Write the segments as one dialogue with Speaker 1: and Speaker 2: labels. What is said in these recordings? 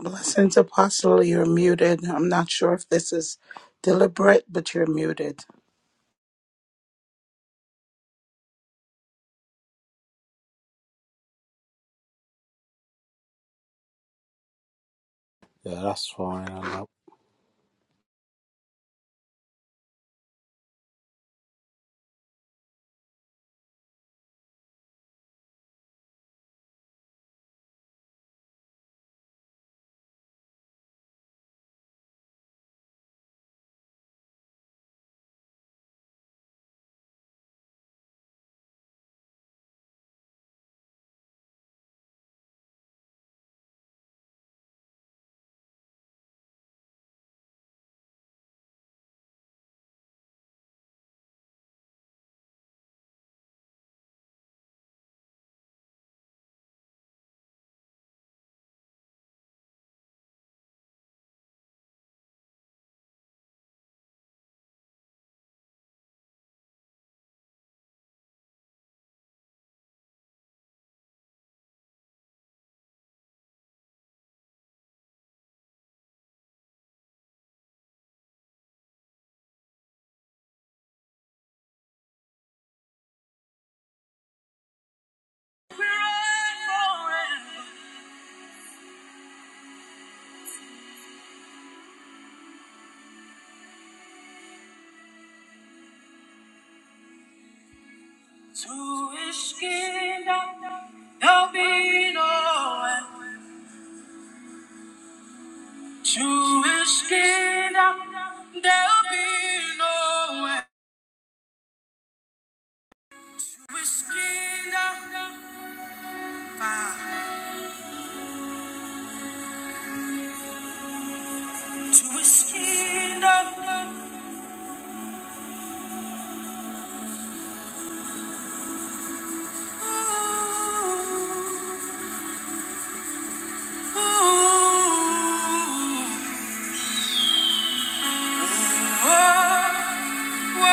Speaker 1: Blessings, Apostle. You're muted. I'm not sure if this is deliberate, but you're muted.
Speaker 2: Yeah, that's fine. I know. To his kingdom, there'll be no end. To his kingdom, there'll be no end. To his kingdom, ah, to his kingdom. Ooh, ooh, oh. There are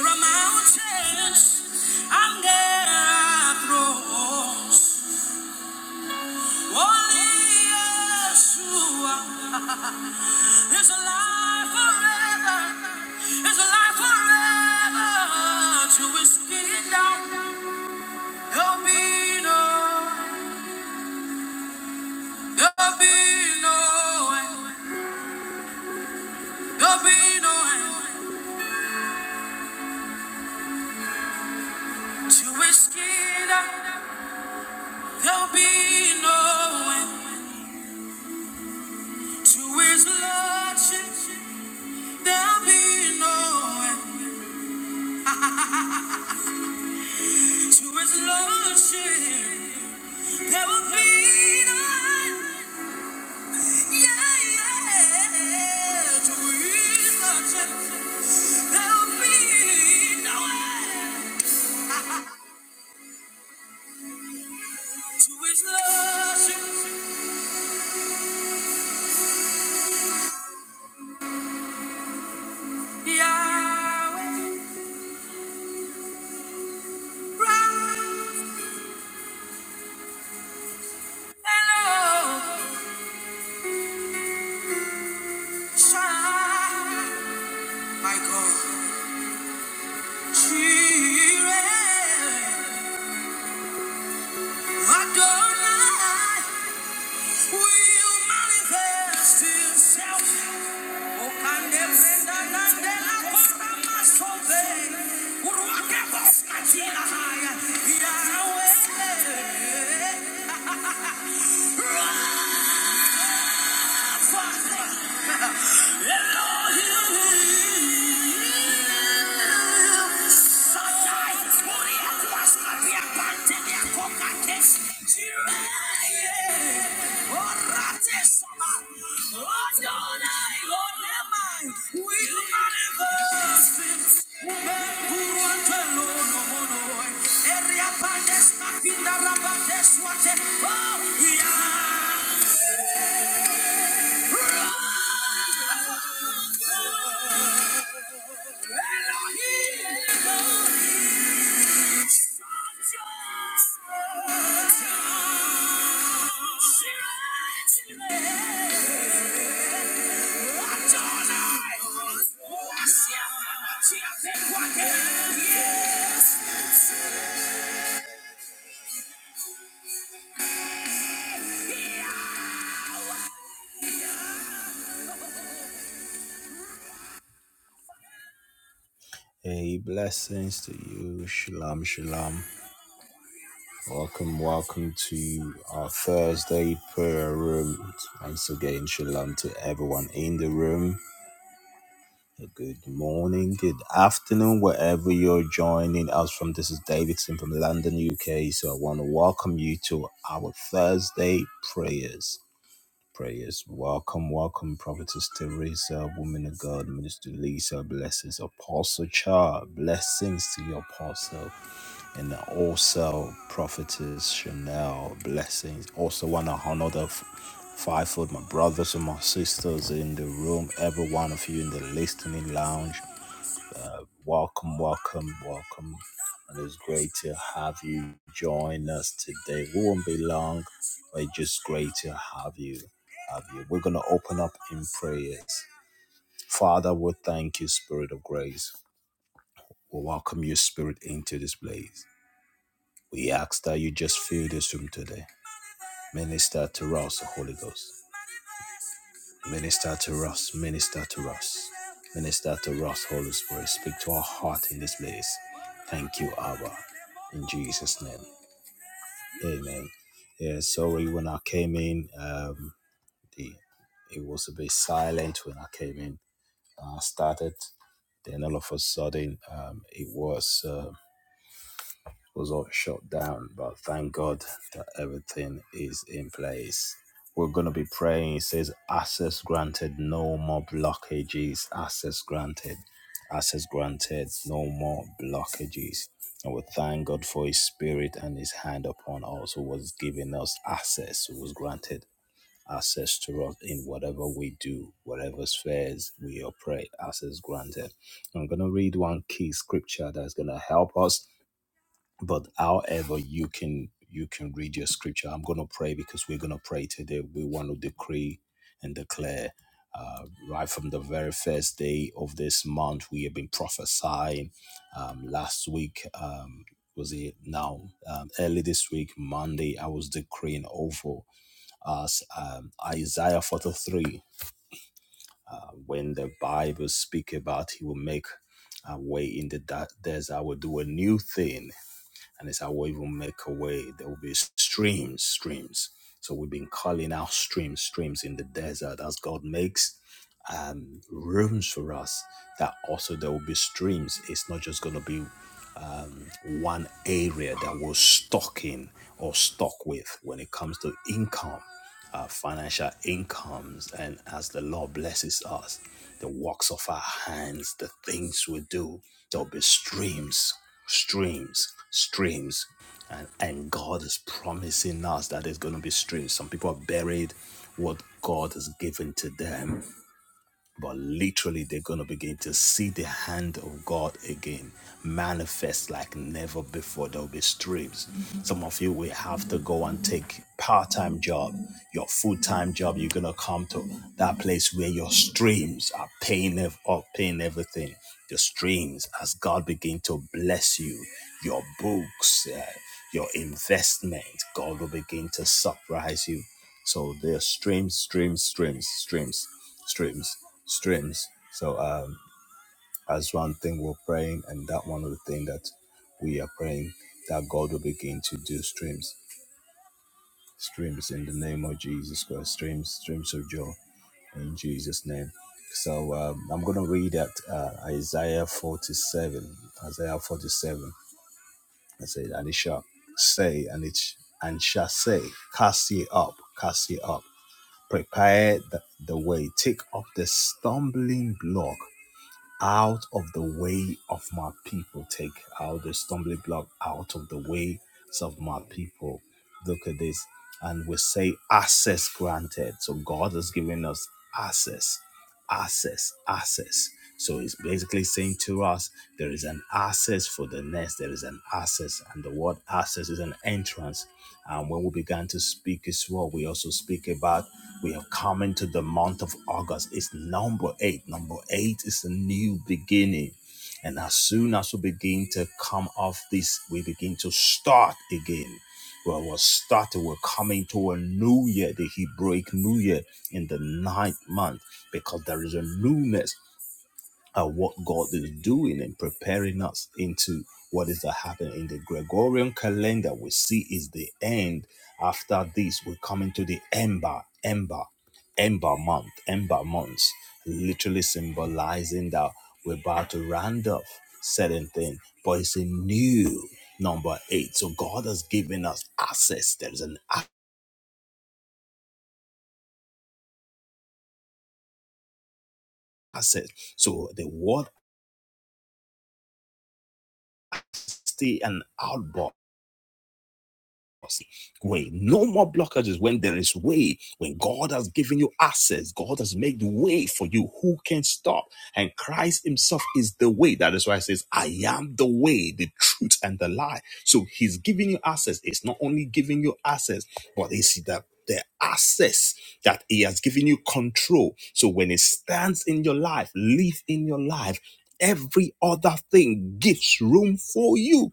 Speaker 2: mountains and there are thrones. Only Yeshua. It's a life forever. It's a life forever to his kingdom. There'll be no, there'll be no end. There'll be no end to his kingdom. There'll be no end to his lordship. There'll be no end to his lordship. There will be no end My God, she ran. Will manifest himself. O kande brenda nande la kora masove. Uruake boskati la haya. Yahweh. Father, Elohim. Oh, yeah. A blessings to you. Shalom, shalom. Welcome, welcome to our Thursday prayer room. Once again, shalom to everyone in the room. Good morning, good afternoon, wherever you're joining us from. This is Davidson from London, UK. So I want to welcome you to our Thursday prayers. Prayers. Welcome, welcome, Prophetess Teresa, Woman of God, Minister Lisa, blessings, Apostle Char, blessings to your Apostle and also prophetess Chanel blessings. Also want to honor the f- fivefold, my brothers and my sisters in the room, every one of you in the listening lounge. Welcome, welcome, welcome. And it's great to have you join us today. We won't be long, but it's just great to have you. Have you. We're going to open up in prayers. Father, we thank you, Spirit of Grace. We welcome your Spirit into this place. We ask that you just fill this room today. Minister to us, Holy Ghost. Minister to us, minister to us. Minister to us, Holy Spirit. Speak to our heart in this place. Thank you, Abba. In Jesus' name. Amen. Yeah, sorry when I came in, um, the, it was a bit silent when I came in. I started, then all of a sudden, um, it was. Um, was all shut down. But thank God that everything is in place. We're going to be praying. It says, access granted, no more blockages. Access granted, access granted, no more blockages. And we thank God for His Spirit and His hand upon us, who was giving us access, who was granted access to us in whatever we do, whatever spheres we operate, access granted. I'm going to read one key scripture that's going to help us but however you can you can read your scripture i'm going to pray because we're going to pray today we want to decree and declare uh, right from the very first day of this month we have been prophesying um, last week um, was it now um, early this week monday i was decreeing over us um, isaiah 43 uh, when the bible speak about he will make a way in the da- desert i will do a new thing and it's how we will make a way. There will be streams, streams. So we've been calling out streams, streams in the desert as God makes um, rooms for us. That also there will be streams. It's not just going to be one area that we're stuck in or stuck with when it comes to income, uh, financial incomes. And as the Lord blesses us, the works of our hands, the things we do, there'll be streams, streams, streams. And, and God is promising us that there's going to be streams. Some people are buried what God has given to them but literally they're going to begin to see the hand of God again manifest like never before. There'll be streams. Some of you will have to go and take part-time job, your full-time job. You're going to come to that place where your streams are paying ev- up, paying everything. The streams as God begin to bless you, your books, uh, your investment, God will begin to surprise you. So there are streams, streams, streams, streams streams streams so um as one thing we're praying and that one of the thing that we are praying that god will begin to do streams streams in the name of jesus christ streams streams of joy in jesus name so um, i'm going to read at uh, isaiah 47 isaiah 47 i said and it shall say and it sh- and shall say cast ye up cast ye up prepare the, the way take up the stumbling block out of the way of my people. Take out the stumbling block out of the ways of my people. Look at this. And we say access granted. So God has given us access, access, access. So he's basically saying to us, there is an access for the nest, there is an access. And the word access is an entrance. And when we began to speak as well, we also speak about we have come into the month of August. It's number eight. Number eight is a new beginning. And as soon as we begin to come off this, we begin to start again. Well, we're starting, we're coming to a new year, the Hebraic New Year in the ninth month, because there is a newness at what God is doing and preparing us into what is to happen in the Gregorian calendar. We see is the end. After this, we're coming to the ember, ember, ember month, ember months, literally symbolizing that we're about to round off certain things. but it's a new number eight. So God has given us access. There's an access. So the word stay an outburst us way. No more blockages when there is way. When God has given you access, God has made way for you. Who can stop? And Christ Himself is the way. That is why it says, I am the way, the truth, and the lie. So He's giving you access. It's not only giving you access, but it's the the access that He has given you control. So when it stands in your life, live in your life. Every other thing gives room for you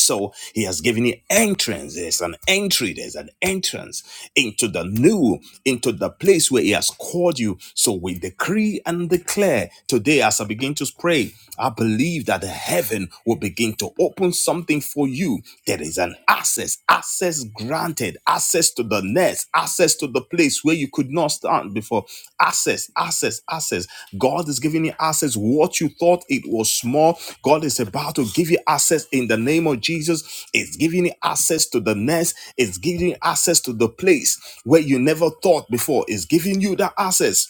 Speaker 2: so he has given you entrance. There's an entry. There's an entrance into the new, into the place where he has called you. So we decree and declare today as I begin to pray, I believe that heaven will begin to open something for you. There is an access, access granted, access access to the nest, access to the place where you could not stand before. Access, access, access. God is giving you access. What you thought it was small, God is about to give you access in the name of Jesus. It's giving you access to the nest. It's giving you access to the place where you never thought before. It's giving you that access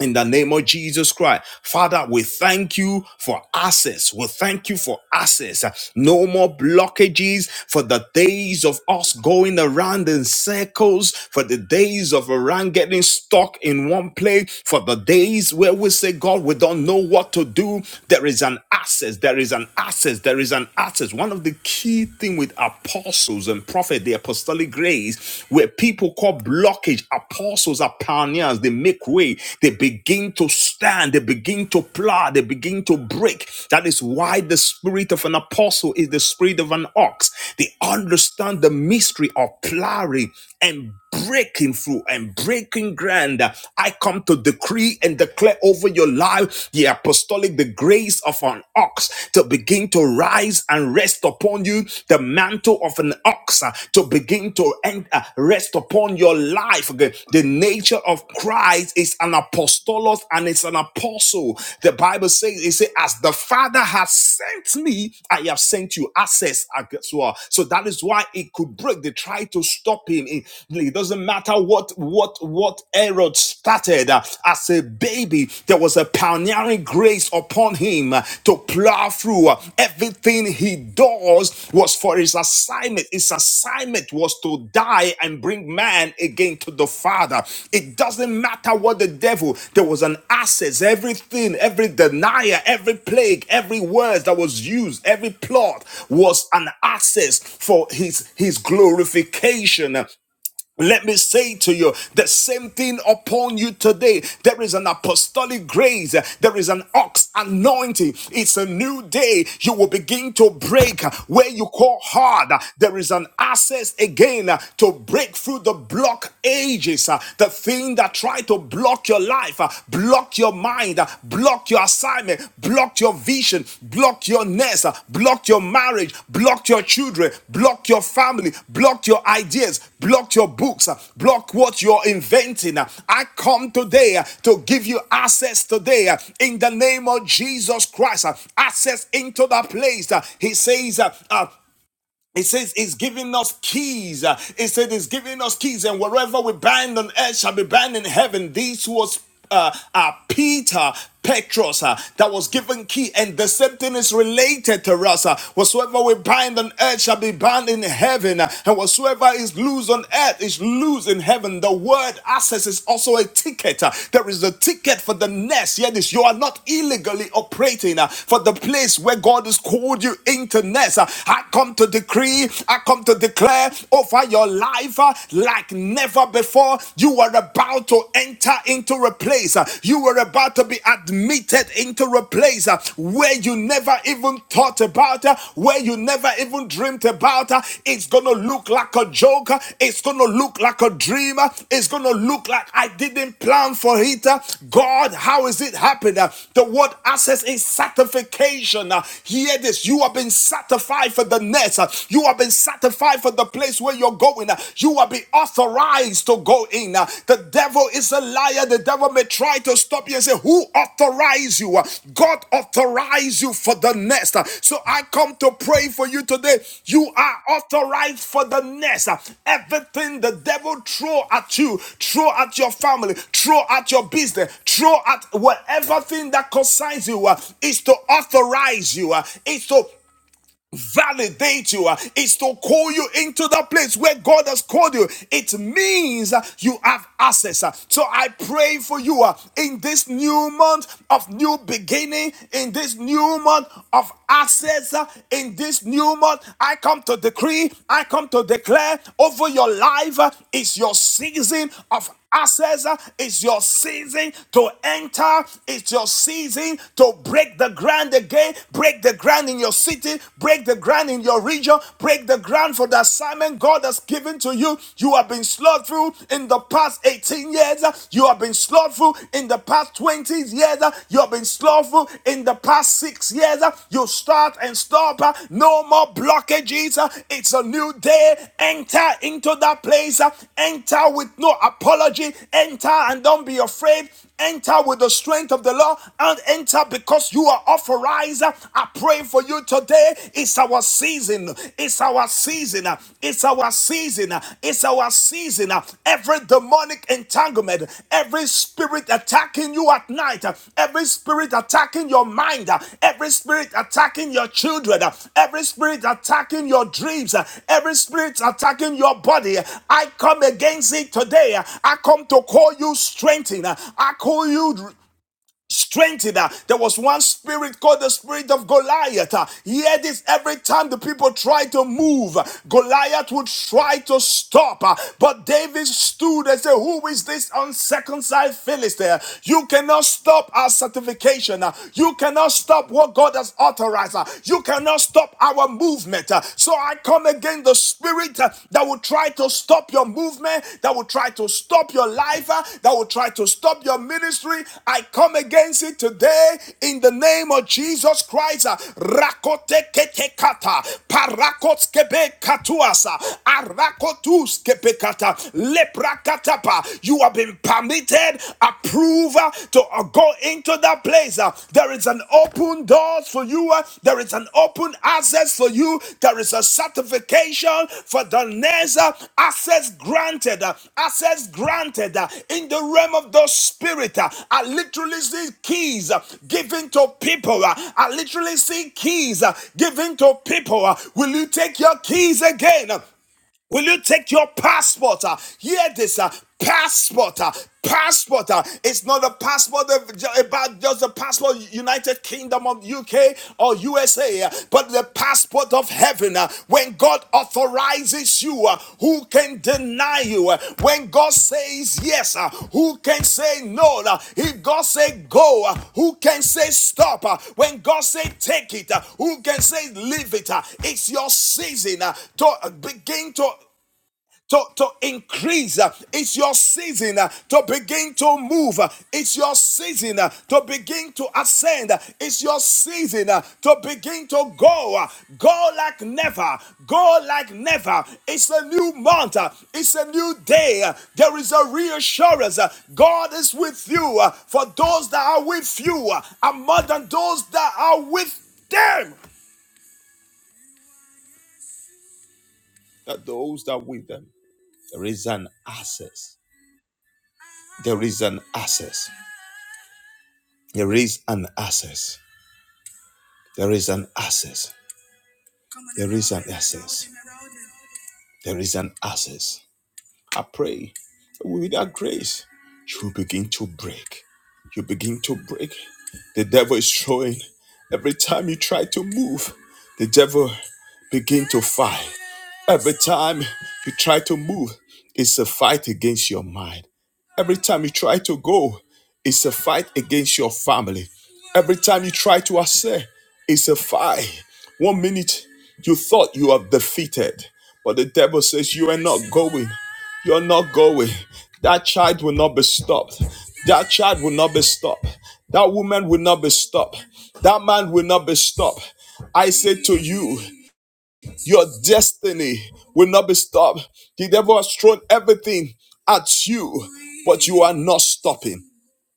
Speaker 2: in the name of Jesus Christ. Father, we thank you for access. We thank you for access. No more blockages for the days of us going around in circles, for the days of around getting stuck in one place, for the days where we say, God, we don't know what to do. There is an access there is an access there is an access one of the key thing with apostles and prophet the apostolic grace where people call blockage apostles are pioneers they make way they begin to stand they begin to plow they begin to break that is why the spirit of an apostle is the spirit of an ox they understand the mystery of plowing and breaking through and breaking ground. I come to decree and declare over your life the apostolic, the grace of an ox to begin to rise and rest upon you, the mantle of an ox uh, to begin to en- uh, rest upon your life. The, the nature of Christ is an apostolos and it's an apostle. The Bible says, it says, as the Father has sent me, I have sent you. Access as well. So that is why it could break. They tried to stop him. It, it doesn't matter what what what Herod started uh, as a baby. There was a pioneering grace upon him uh, to plow through. Uh, Everything he does was for his assignment. His assignment was to die and bring man again to the Father. It doesn't matter what the devil. There was an access. Everything, every denier, every plague, every word that was used, every plot was an access for his his glorification. Let me say to you, the same thing upon you today. There is an apostolic grace. There is an ox anointing. It's a new day. You will begin to break where you call hard. There is an access again to break through the block ages. The thing that try to block your life, block your mind, blocked your assignment, blocked your vision, blocked your nest, uh, blocked your marriage, blocked your children, blocked your family, blocked your ideas, blocked your books, uh, blocked what you're inventing. Uh, I come today uh, to give you access today uh, in the name of Jesus Christ. uh, Access into that place. uh, He says, uh, uh, it says it's giving us keys. Uh, It said it's giving us keys, and wherever we bind on earth shall be bound in heaven. These was uh, uh, Peter, Petros, uh, that was given key, and the same thing is related to us. Uh, whatsoever we bind on earth shall be bound in heaven, uh, and whatsoever is loose on earth is loose in heaven. The word access is also a ticket. Uh, there is a ticket for the nest. Hear this: you are not illegally operating uh, for the place where God has called you into nest. Uh, I come to decree, I come to declare over your life uh, like never before. You are about to enter into a place, uh, you are about to be admitted into a place uh, where you never even thought about, uh, where you never even dreamed about. uh, It's gonna look like a joke, uh, it's gonna look like a dream, uh, it's gonna look like I didn't plan for it. uh, God, how is it happening? Uh, The word access is certification. uh, Hear this, you have been certified sanctified for the next. Uh, You have been sanctified for the place where you're going. Uh, You have been authorized to go in. Uh, The devil is a liar. The devil may try to stop you and say, Who authorized you? Uh, God authorized you for the next. Uh, So I come to pray for you today. You are authorized for the next. Uh, Everything the devil throw at you, throw at your family, throw at your business, throw at whatever thing that concerns you uh, is to authorize you, uh, is to validate you. Uh, It's to call you into the place where God has called you. It means uh, you have access. Uh, So I pray for you uh, in this new month of new beginning, in this new month of access, uh, in this new month, I come to decree, I come to declare over your life uh, is your season of access. uh, It's your season to enter. It's your season to break the ground again. Break the ground in your city. Break the ground in your region. Break the ground for the assignment God has given to you. You have been slothful in the past 18 years. You have been slothful in the past 20 years. You have been slothful in the past six six years, uh, you start and stop. uh, No more blockages. uh, It's a new day. Enter into that place. uh, Enter with no apology. Enter and don't be afraid. Enter with the strength of the Lord and enter because you are authorized. uh, I pray for you today. It's our season. It's our season. uh, It's our season season. It's our season. Every demonic entanglement, every spirit attacking you at night, every spirit attacking your mind, every spirit attacking your children, every spirit attacking your dreams, every spirit attacking your body. I come against it today. I come to call you strengthened. I call you strengthened. Uh, there was one spirit called the spirit of Goliath. Uh, hear this every time the people try to move, uh, Goliath would try to stop. uh, but David stood and said, Who is this uncircumcised Philistine? You cannot stop our sanctification. you cannot stop what God has authorized. uh, you cannot stop our movement. uh, so I come against the spirit spirit uh, that will try to stop your movement, that will try to stop your life, uh, that will try to stop your ministry. I come against it today in the name of Jesus Christ. uh, Rakoteketekata, parakotskebekatuasa, arakotuskebekata, leprakatapa. You have been permitted, approved uh, to uh, go into into that place, uh, there is an open doors for you. uh, there is an open access for you. There is a certification for the next uh, access granted. uh, access granted uh, in the realm of the spirit. uh, I literally see keys uh, given to people. uh, I literally see keys uh, given to people. uh, will you take your keys again? Uh, Will you take your passport? uh, hear this uh, passport. uh, passport. uh, it's not a passport about just a passport, United Kingdom of UK or USA, uh, but the passport of heaven. uh, when God authorizes you, uh, you? Uh, Who can deny you? Uh, When God says yes, uh, who can say no? Uh, If God say go, uh, who can say stop? Uh, When God say take it, uh, who can say leave it? Uh, It's your season uh, to uh, begin to to, to increase. uh, It's your season uh, to begin to move. uh, It's your season uh, to begin to ascend. uh, It's your season uh, to begin to go. uh, Go like never. Go like never. It's a new month. uh, It's a new day. uh, There is a reassurance. uh, God is with you. uh, For those that are with you uh, are more than those that are with them. That those that are with them. There is an access. There is an access. There is an access. There is an access. There is an access. There is an access. I pray with that grace, you begin to break. You begin to break. The devil is showing every time you try to move, the devil begin to fight. Every time you try to move, it's a fight against your mind. Every time you try to go, it's a fight against your family. Every time you try to assert, it's a fight. One minute you thought you are defeated, but the devil says you are not going. You're not going. That child will not be stopped. That child will not be stopped. That woman will not be stopped. That man will not be stopped. I say to you, your destiny will not be stopped. The devil has thrown everything at you, but you are not stopping.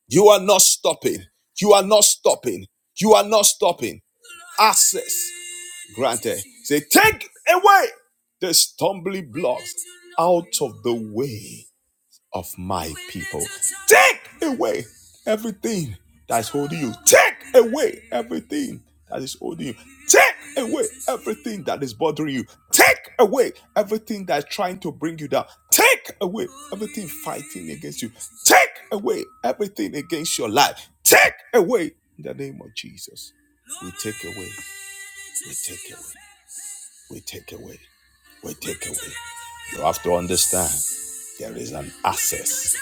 Speaker 2: You are not stopping. You are not stopping. You are not stopping. Access granted. Say, take away the stumbling blocks out of the way of my people. Take away everything that is holding you. Take away everything that is holding you. Take away everything that is bothering you. Take away everything that is trying to bring you down. Take away everything fighting against you. Take away everything against your life. Take away in the name of Jesus. We take away. We take away. We take away. We take away. You have to understand there is an access.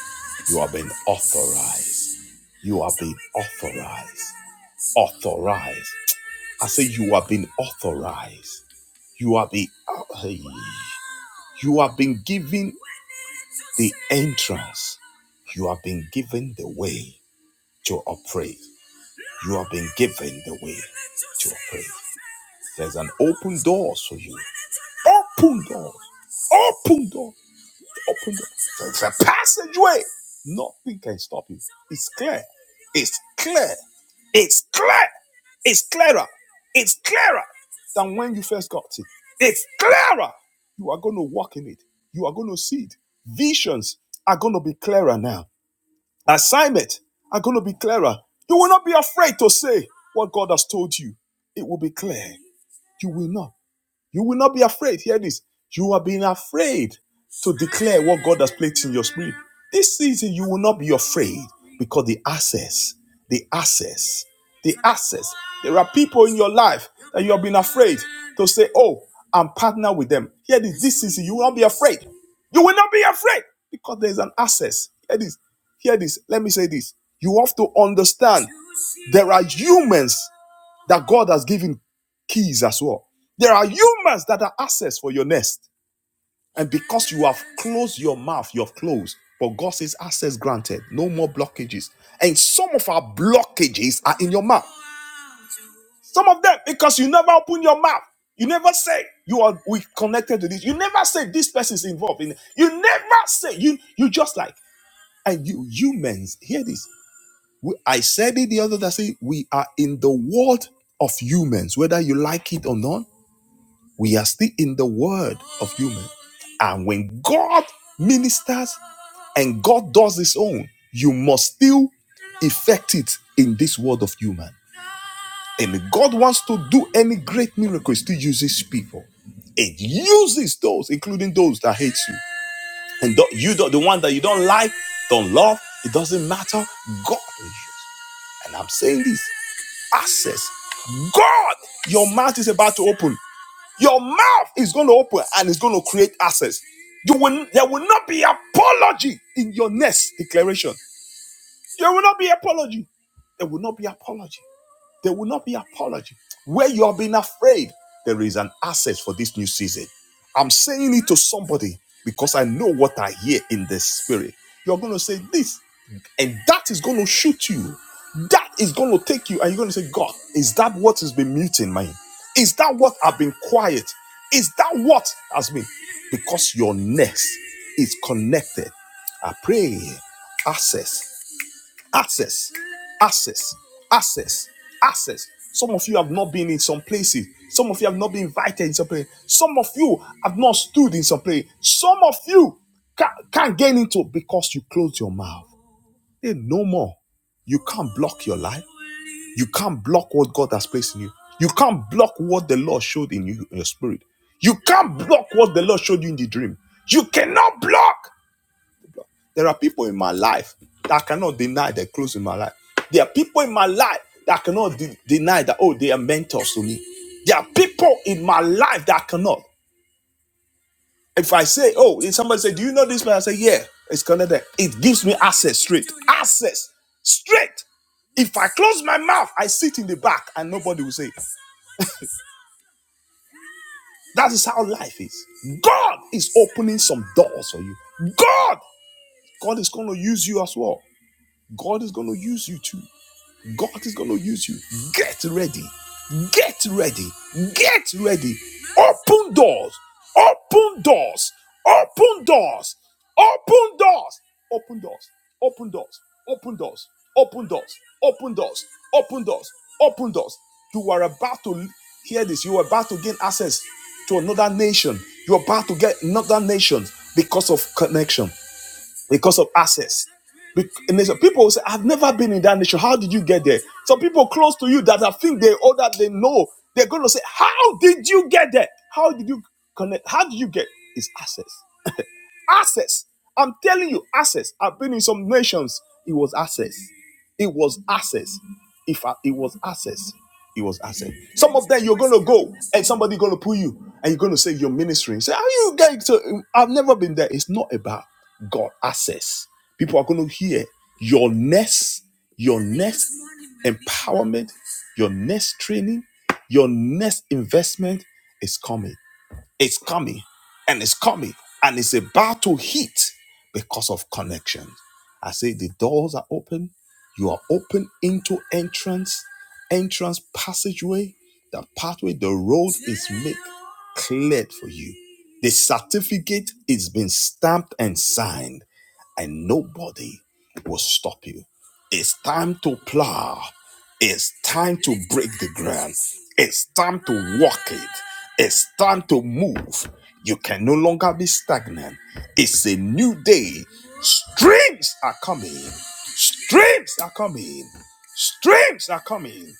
Speaker 2: You are being authorized. You are being authorized. Authorized. I say you are being authorized. You are being you have been given the entrance. You have been given the way to operate. You have been given the way to operate. There's an open door for you. Open door. Open door. Open the, it's a passageway. Nothing can stop you. It's clear. It's clear. It's clear. It's clearer. It's clearer than when you first got it. It's clearer. You are going to walk in it. You are going to see it. Visions are going to be clearer now. Assignment are going to be clearer. You will not be afraid to say what God has told you. It will be clear. You will not you will not be afraid. Hear this. You are being afraid to declare what God has placed in your spirit. This season, you will not be afraid because the access, the access, the access. There are people in your life that you have been afraid to say, Oh, I'm partner with them. Hear this. This season, you will not be afraid. You will not be afraid because there is an access. Hear this. Hear this. Let me say this. You have to understand. There are humans that God has given keys as well. There are humans that are access for your nest. And because you have closed your mouth, you have closed. But God says access granted, no more blockages. And some of our blockages are in your mouth. Some of them, because you never open your mouth. You never say you are we connected to this. You never say this person is involved in it. You never say you you just like and you humans hear this. We- I said it the other day. I say we are in the world of humans, whether you like it or not. We are still in the world of humans. And when God ministers and God does His own, you must still effect it in this world of human. And if God wants to do any great miracle, He still uses people. It uses those, including those that hate you. And tho- you don't, the one that you don't like, don't love, it doesn't matter. God will use. And I'm saying this access. God, your mouth is about to open. Your mouth is going to open and it's going to create access. You will there will not be apology in your next declaration. There will not be apology. There will not be apology. There will not be apology. Where you are being afraid, there is an access for this new season. I'm saying it to somebody because I know what I hear in the spirit. You're going to say this, and that is going to shoot you. That is going to take you, and you're going to say, God, is that what has been muting me? Is that what I've been quiet? Is that what has been? Because your nest is connected. I pray access access, access, access, access. Some of you have not been in some places. Some of you have not been invited in some place. Some of you have not stood in some place. Some of you ca- can't get into because you closed your mouth. Hey, no more. You can't block your life. You can't block what God has placed in you. You can't block what the Lord showed in you in your spirit. You can't block what the Lord showed you in the dream. You cannot block. There are people in my life that cannot deny they're close in my life. There are people in my life that cannot de- deny that, oh, they are mentors to me. There are people in my life that cannot. If I say, oh, if somebody say, do you know this man? I say, yeah, it's connected. It gives me access straight. Access straight. If I close my mouth, I sit in the back and nobody will say, it. that is how life is. God is opening some doors for you. God, God is going to use you as well. God is going to use you too. God is going to use you. Get ready. Get ready. Get ready. Open doors. Open doors. Open doors. Open doors. Open doors. Open doors. Open doors. Open doors. Open doors. Open doors. Open doors. You are about to hear this. You are about to gain access to another nation. You're about to get another nation because of connection because of access. People say, I've never been in that nation. How did you get there? Some people close to you that I think they all that they know, they're going to say, How did you get there? How did you connect? How did you get? It's access access. I'm telling you, access. I've been in some nations. It was access. It was access. If I, it was access, it was access. Some of them you're gonna go and somebody gonna pull you and you're gonna say you're ministering. Say, how are you going to? I've never been there. It's not about God access. People are gonna hear your next, your next empowerment, your next training, your next investment is coming. It's coming and it's coming and it's about to hit because of connection. I say the doors are open. You are open into entrance, entrance passageway. The pathway, the road is made cleared for you. The certificate is been stamped and signed, and nobody will stop you. It's time to plow. It's time to break the ground. It's time to walk it. It's time to move. You can no longer be stagnant. It's a new day. Streams are coming. Streams are coming. Streams are coming.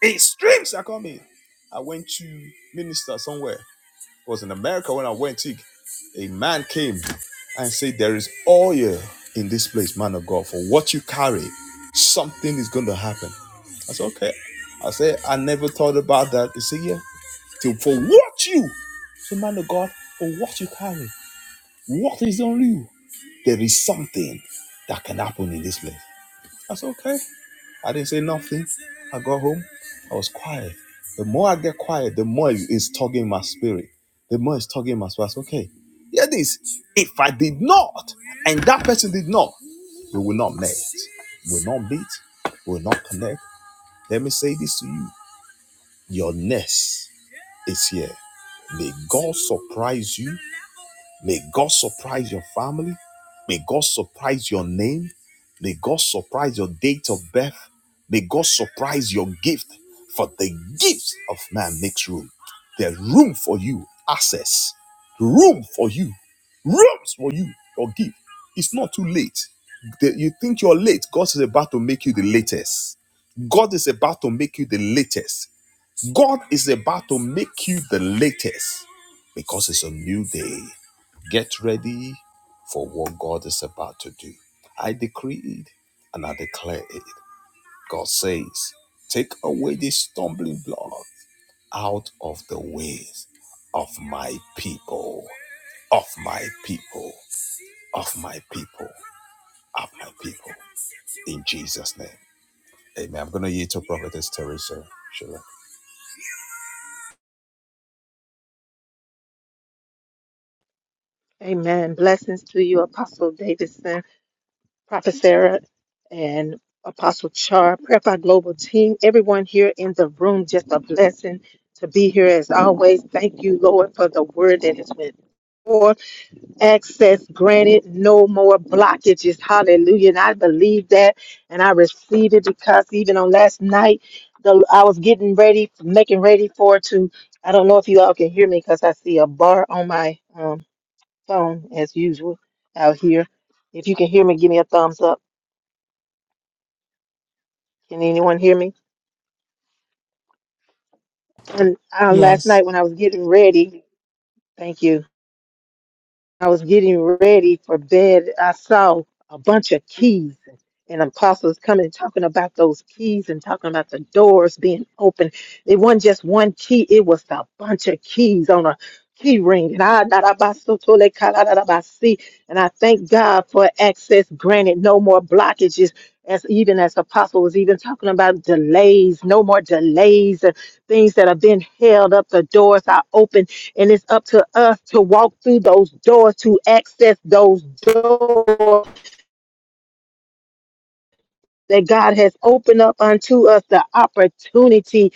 Speaker 2: Hey, streams are coming. I went to minister somewhere. It was in America when I went to, a man came and said, There is oil in this place, man of God. For what you carry, something is going to happen. I said, Okay. I said, I never thought about that. He said, Yeah. Till for what you, so man of God, for what you carry, what is on you, there is something that can happen in this place. I said, Okay. I didn't say nothing. I got home. I was quiet. The more I get quiet, the more it's tugging my spirit. The more it's tugging my spirit. I said, Okay, hear this. If I did not, and that person did not, we will not meet. We will not meet. We will not connect. Let me say this to you. Your nest is here. May God surprise you May God surprise your family. May God surprise your name. May God surprise your date of birth. May God surprise your gift. For the gifts of man makes room. There's room for you, access, room for you, rooms for you, your gift. It's not too late. The- You think you're late, God is about to make you the latest. God is about to make you the latest. God is about to make you the latest because it's a new day. Get ready for what God is about to do. I decree it and I declare it. God says, Take away the stumbling block out of the ways of my people, of my people, of my people, of my people. In Jesus' name. Amen. I'm going to yield to Prophetess Teresa. Shalom.
Speaker 3: Amen. Blessings to you, Apostle Davidson, Prophet Sarah, and Apostle Char, Prayer Fire Global Team, everyone here in the room. Just a blessing to be here as always. Thank you, Lord, for the word that has been forth. Access granted, no more blockages. Hallelujah. And I believe that and I received it because even on last night, the, I was getting ready, making ready for to. I don't know if you all can hear me because I see a bar on my um, phone as usual out here. If you can hear me, give me a thumbs up. Can anyone hear me? And uh, last
Speaker 4: Yes.
Speaker 3: night when I was getting ready, thank you. I was getting ready for bed, I saw a bunch of keys and apostles coming talking about those keys and talking about the doors being open. It wasn't just one key, it was a bunch of keys on a key ring. And I, so- And I thank God for access granted, no more blockages. As even as the apostle was even talking about delays, no more delays, and things that have been held up. The doors are open and it's up to us to walk through those doors, to access those doors that God has opened up unto us the opportunity.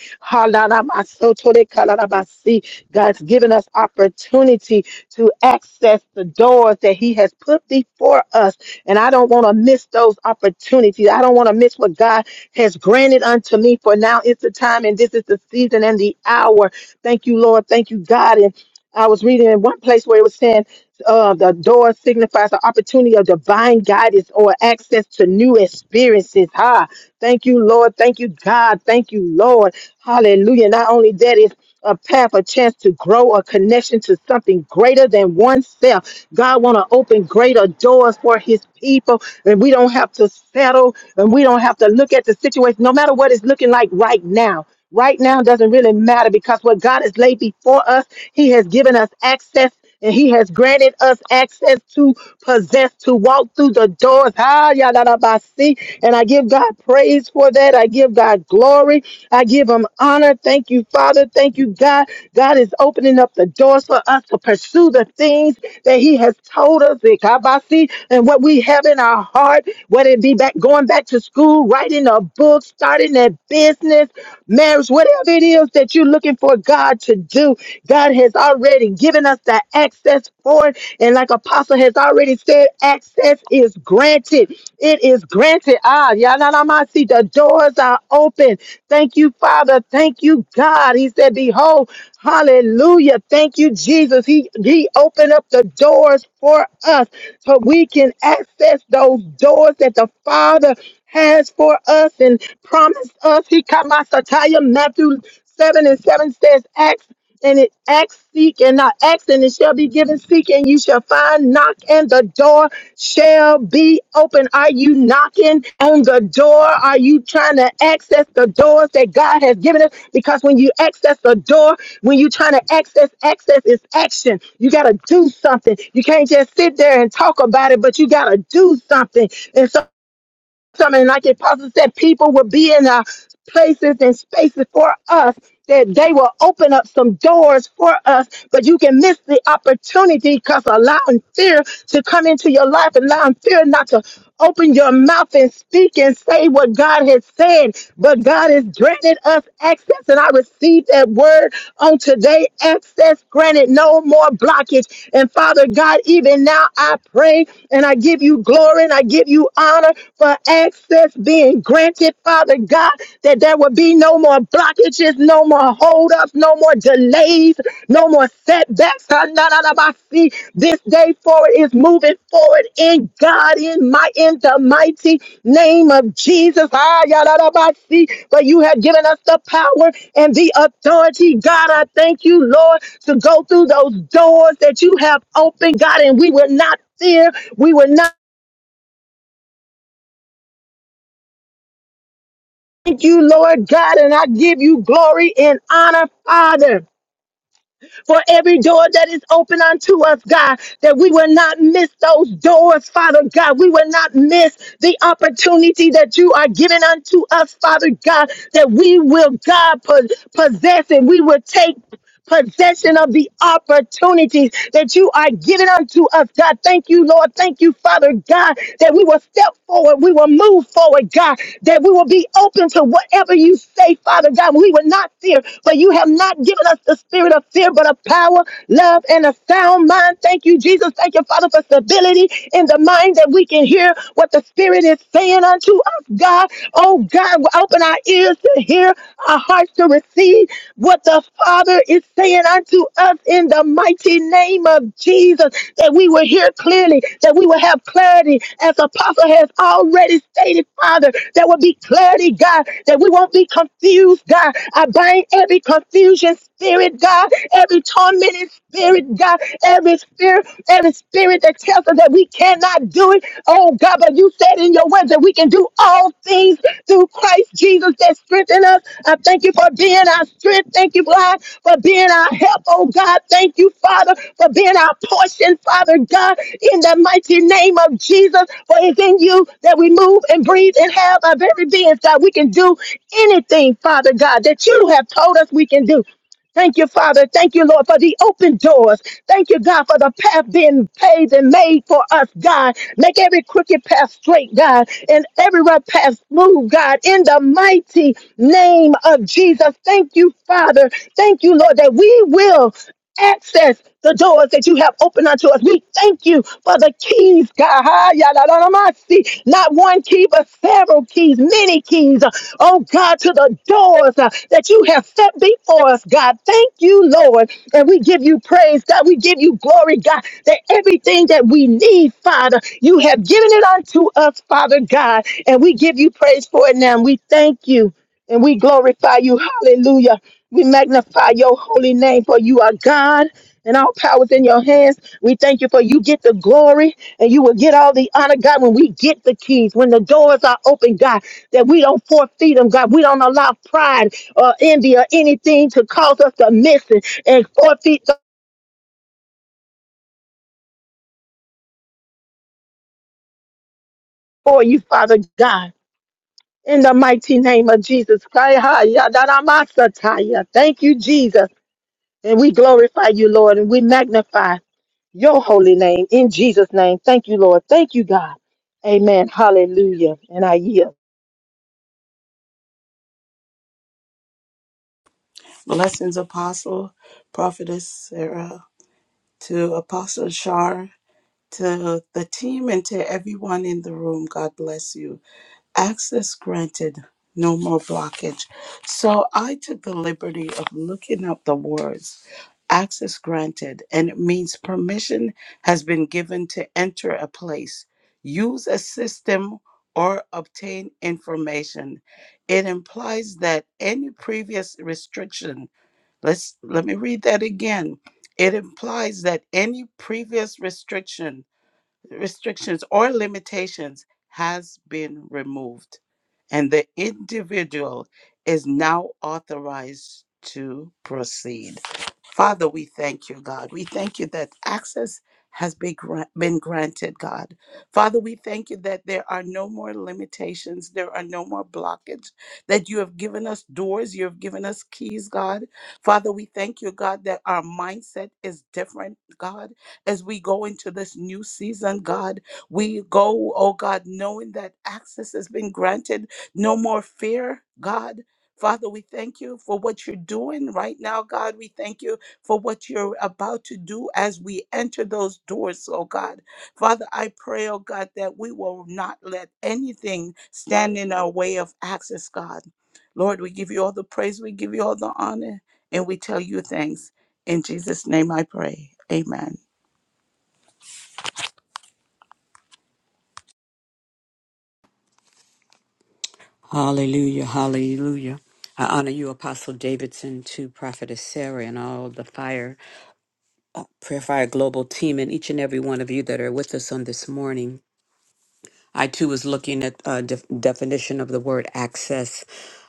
Speaker 3: God's given us opportunity to access the doors that He has put before us. And I don't want to miss those opportunities. I don't want to miss what God has granted unto me. For now is the time, and this is the season and the hour. Thank you, Lord. Thank you, God. And I was reading in one place where it was saying, uh, the door signifies the opportunity of divine guidance or access to new experiences. Ha! Thank you, Lord. Thank you, God. Thank you, Lord. Hallelujah. Not only that, it's a path, a chance to grow, a connection to something greater than oneself. God want to open greater doors for His people, and we don't have to settle, and we don't have to look at the situation, no matter what it's looking like right now. Right now doesn't really matter because what God has laid before us, He has given us access and he has granted us access to possess, to walk through the doors. Ah, yadadabasi. And I give God praise for that. I give God glory. I give him honor. Thank you, Father. Thank you, God. God is opening up the doors for us to pursue the things that he has told us, ikabasi, and what we have in our heart, whether it be back going back to school, writing a book, starting that business, marriage, whatever it is that you're looking for God to do. God has already already given us the access for it. And like Apostle has already said, access is granted. It is granted. Ah, yeah, nah, nah, nah, see the doors are open. Thank you, Father. Thank you, God. He said, Behold, hallelujah. Thank you, Jesus. He, he opened up the doors for us so we can access those doors that the Father has for us and promised us. He come out Matthew 7 and 7 says, Ask and it ask, seek, and not ask, and it shall be given, seek, and you shall find, knock, and the door shall be open. Are you knocking on the door? Are you trying to access the doors that God has given us? Because when you access the door, when you're trying to access, access is action. You got to do something. You can't just sit there and talk about it, but you got to do something. And so something like the Apostle said, people will be in uh, places and spaces for us that they will open up some doors for us, but you can miss the opportunity because allowing fear to come into your life, allowing fear not to open your mouth and speak and say what God has said, but God is granted granted us access, and I received that word on today. Access granted, no more blockage. And Father God, even now I pray and I give you glory and I give you honor for access being granted, Father God, that there will be no more blockages, no more holdups, no more delays, no more setbacks. Ah, na na na ba see. This day forward is moving forward in God, in my in the mighty name of Jesus. Ah, yeah, nah, nah, bah, see. But you have given us the power and the authority. God, I thank you, Lord, to go through those doors that you have opened, God, and we will not fear. We will not thank you, Lord God, and I give you glory and honor, Father. for every door that is open unto us, God, that we will not miss those doors, Father God. We will not miss the opportunity that you are giving unto us, Father God, that we will, God, po- possess and we will take possession of the opportunities that you are giving unto us, God. Thank you, Lord. Thank you, Father God, that we will step forward, we will move forward, God, that we will be open to whatever you say, Father God. We will not fear, for you have not given us the spirit of fear, but of power, love, and a sound mind. Thank you, Jesus. Thank you, Father, for stability in the mind that we can hear what the Spirit is saying unto us, God. Oh God, open our ears to hear, our hearts to receive what the Father is saying unto us in the mighty name of Jesus, that we will hear clearly, that we will have clarity, as Apostle has already stated, Father, there will be clarity, God, that we won't be confused, God. I bind every confusion spirit, God, every tormented spirit, God, every spirit, every spirit that tells us that we cannot do it. Oh God, but you said in your word that we can do all things through Christ Jesus that strengthen us. I thank you for being our strength. Thank you, God, for being our help. Oh God, thank you, Father, for being our portion, Father God, in the mighty name of Jesus. For it's in you that we move and breathe and have our very beings, God. We can do anything, Father God, that you have told us we can do. Thank you, Father. Thank you, Lord, for the open doors. Thank you, God, for the path being paved and made for us, God. Make every crooked path straight, God, and every rough path smooth, God, in the mighty name of Jesus. Thank you, Father. Thank you, Lord, that we will access the doors that you have opened unto us. We thank you for the keys, God. Ha, ya, la, la, la, ma, si. Not one key, but several keys, many keys. uh, Oh, God, to the doors uh, that you have set before us, God. Thank you, Lord. And we give you praise, God. We give you glory, God, that everything that we need, Father, you have given it unto us, Father God. And we give you praise for it now. And we thank you and we glorify you. Hallelujah. We magnify your holy name, for you are God and all power is in your hands. We thank you for you get the glory and you will get all the honor, God, when we get the keys, when the doors are open, God, that we don't forfeit them, God. We don't allow pride or envy or anything to cause us to miss it and forfeit for you, Father God. In the mighty name of Jesus Christ. Ha, ya, da, da, ma, sa, ta, ya. Thank you, Jesus. And we glorify you, Lord, and we magnify your holy name in Jesus' name. Thank you, Lord. Thank you, God. Amen. Hallelujah. And I yield.
Speaker 1: Blessings, Apostle, Prophetess Sarah, to Apostle Shar, to the team, and to everyone in the room. God bless you. Access granted, no more blockage. So I took the liberty of looking up the words access granted, and it means permission has been given to enter a place, use a system, or obtain information. It implies that any previous restriction, let's let me read that again. It implies that any previous restriction restrictions or limitations has been removed and the individual is now authorized to proceed. Father, we thank you, God. We thank you that access has been, gra- been granted, God. Father, we thank you that there are no more limitations, there are no more blockage, that you have given us doors, you have given us keys, God. Father, we thank you, God, that our mindset is different, God as we go into this new season, God. We go, oh God, knowing that access has been granted, no more fear, God. Father, we thank you for what you're doing right now, God. We thank you for what you're about to do as we enter those doors, oh God. Father, I pray, oh God, that we will not let anything stand in our way of access, God. Lord, we give you all the praise, we give you all the honor, and we tell you thanks. In Jesus' name I pray. Amen.
Speaker 4: Hallelujah. Hallelujah. I honor you, Apostle Davidson, to Prophetess Sarah, and all the fire, uh, Prayer Fire Global team, and each and every one of you that are with us on this morning. I too was looking at a def- definition of the word access.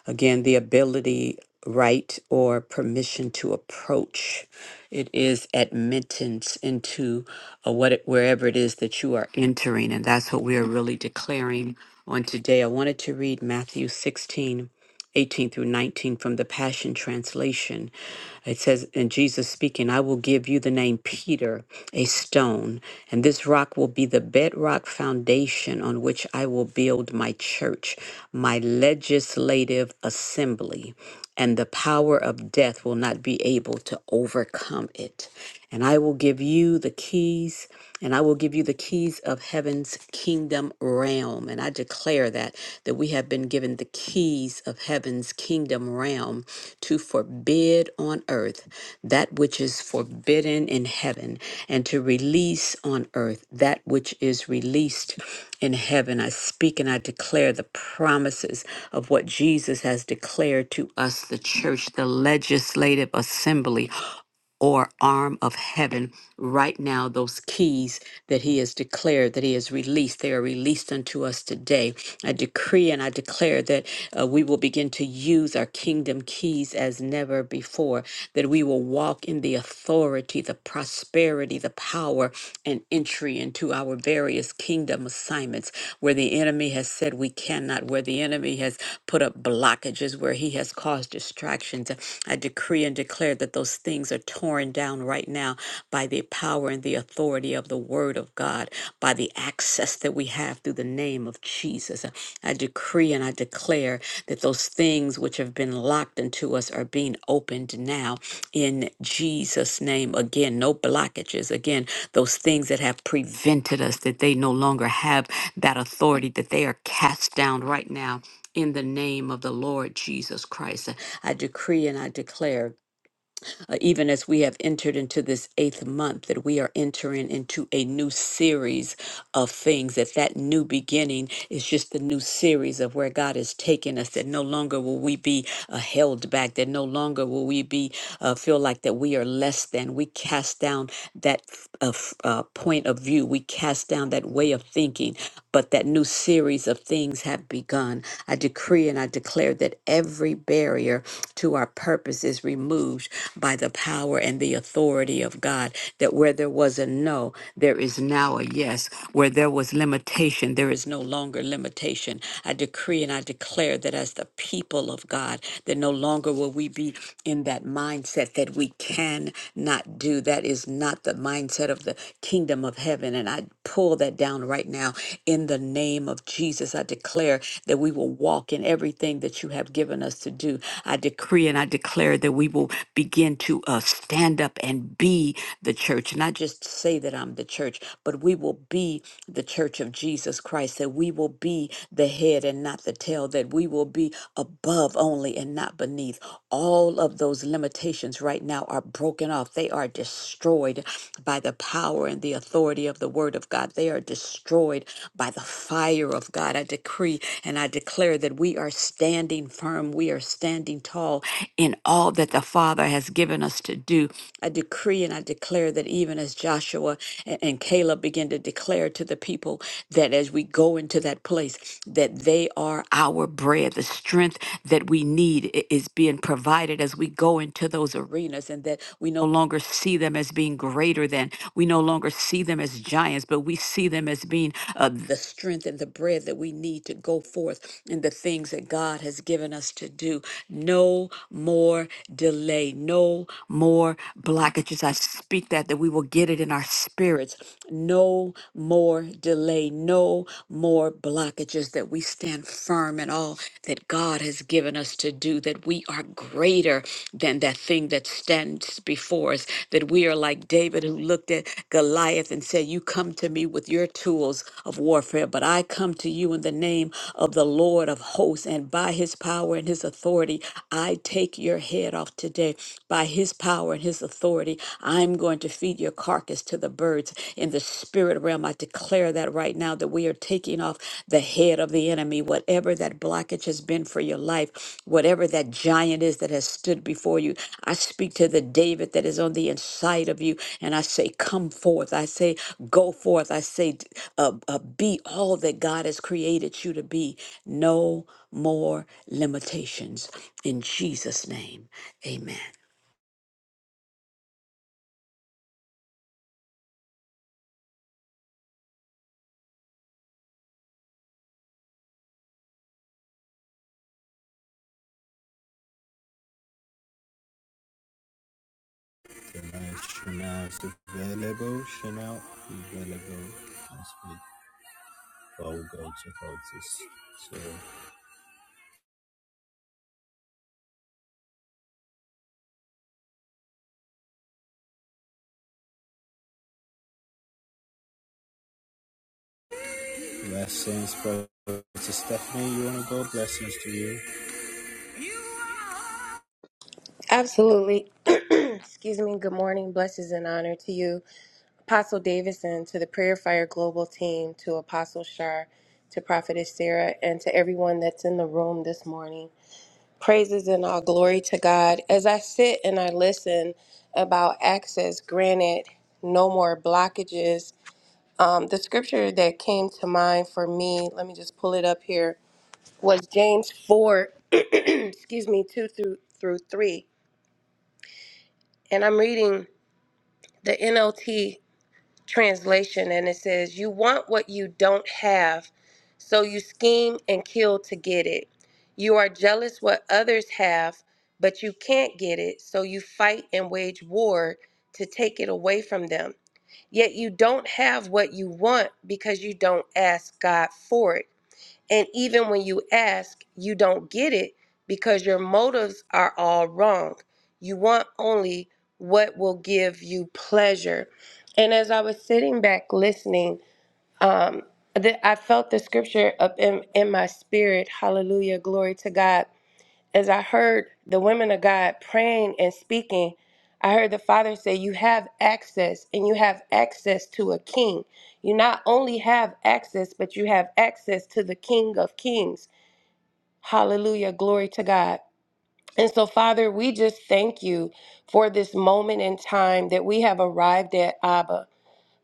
Speaker 4: Again, the ability, right, or permission to approach. It is admittance into uh, what it, wherever it is that you are entering, and that's what we are really declaring on today. I wanted to read Matthew 16 18 through 19 from the Passion Translation. It says, And Jesus speaking, I will give you the name Peter, a stone, and this rock will be the bedrock foundation on which I will build my church, my legislative assembly, and the power of death will not be able to overcome it and I will give you the keys, and I will give you the keys of heaven's kingdom realm. And I declare that that we have been given the keys of heaven's kingdom realm to forbid on earth that which is forbidden in heaven, and to release on earth that which is released in heaven. I speak and I declare the promises of what Jesus has declared to us, the church, the legislative assembly or arm of heaven right now those keys that he has declared that he has released they are released unto us today i decree and i declare that uh, we will begin to use our kingdom keys as never before that we will walk in the authority the prosperity the power and entry into our various kingdom assignments where the enemy enemy has said we cannot, where the enemy has put up blockages, where he has caused distractions. I decree and declare that those things are torn down right now by the power and the authority of the word of God, by the access that we have through the name of Jesus. I decree and I declare that those things which have been locked into us are being opened now in Jesus' name. Again, no blockages. Again, those things that have prevented us, that they no longer have that authority that they are cast down right now in the name of the Lord Jesus Christ. Uh, I decree and I declare, uh, even as we have entered into this eighth month, that we are entering into a new series of things, that that new beginning is just the new series of where God is taking us, that no longer will we be uh, held back, that no longer will we be uh, feel like that we are less than. We cast down that uh, f- uh, point of view. We cast down that way of thinking. But that new series of things have begun. I decree and I declare that every barrier to our purpose is removed by the power and the authority of God. That where there was a no, there is now a yes. Where there was limitation, there is no longer limitation. I decree decree and I declare that as the people of God, that no longer will we be in that mindset that we cannot do. That is not the mindset of the kingdom of heaven. And I pull that down right now in the name of Jesus. I declare that we will walk in everything that you have given us to do. I decree and I declare that we will begin to uh, stand up and be the church. Not just say that I'm the church, but we will be the church of Jesus. Jesus Christ, that we will be the head and not the tail, that we will be above only and not beneath. All of those limitations right now are broken off. They are destroyed by the power and the authority of the Word of God. They are destroyed by the fire of God. I decree and I declare that we are standing firm. We are standing tall in all that the Father has given us to do. I decree and I declare that even as Joshua a- and, Caleb. Caleb began to declare to the people that as we go into that place, that they are our bread. The strength that we need i- is being provided as we go into those arenas, and that we no longer see them as being greater than. We no longer see them as giants, but we see them as being uh, the strength and the bread that we need to go forth in the things that God has given us to do. No more delay. No more blockages. I speak that, that we will get it in our spirits. No more delay, no more blockages, that we stand firm in all that God has given us to do, that we are greater than that thing that stands before us, that we are like David who looked at Goliath and said, You come to me with your tools of warfare, but I come to you in the name of the Lord of hosts, and by his power and his authority, I take your head off today by his power and his authority. I'm going to feed your carcass to the birds in the spirit realm. I declare that right now that we are taking off the head of the enemy, whatever that blockage has been for your life, whatever that giant is that has stood before you. I speak to the David that is on the inside of you and I say, Come forth. I say, Go forth. I say, d- uh, uh, Be all that God has created you to be. No more limitations. In Jesus' name, amen.
Speaker 2: Chanel, Chanel is available. Chanel is available. Let's we go to Cultus. Blessings, brother Stephanie. You want to go? Blessings to you.
Speaker 5: Absolutely. Excuse me. Good morning. Blessings and honor to you, Apostle Davidson, to the Prayer Fire Global team, to Apostle Shar, to Prophetess Sarah, and to everyone that's in the room this morning. Praises and all glory to God. As I sit and I listen about access granted, no more blockages. Um, the scripture that came to mind for me, let me just pull it up here, was James 4, excuse me, 2 through, through 3. And I'm reading. the NLT translation and it says, You want what you don't have, so you scheme and kill to get it. You are jealous what others have, but you can't get it, so you fight and wage war to take it away from them. Yet you don't have what you want because you don't ask God for it. And even when you ask, you don't get it because your motives are all wrong. You want only what will give you pleasure. And as I was sitting back listening, um, that I felt the scripture up in, in my spirit. Hallelujah, glory to God as I heard the women of God praying and speaking, I heard the Father say, You have access, and you have access to a king. You not only have access, but you have access to the King of Kings. Hallelujah. Glory to God. And so, Father, we just thank you for this moment in time that we have arrived at Abba.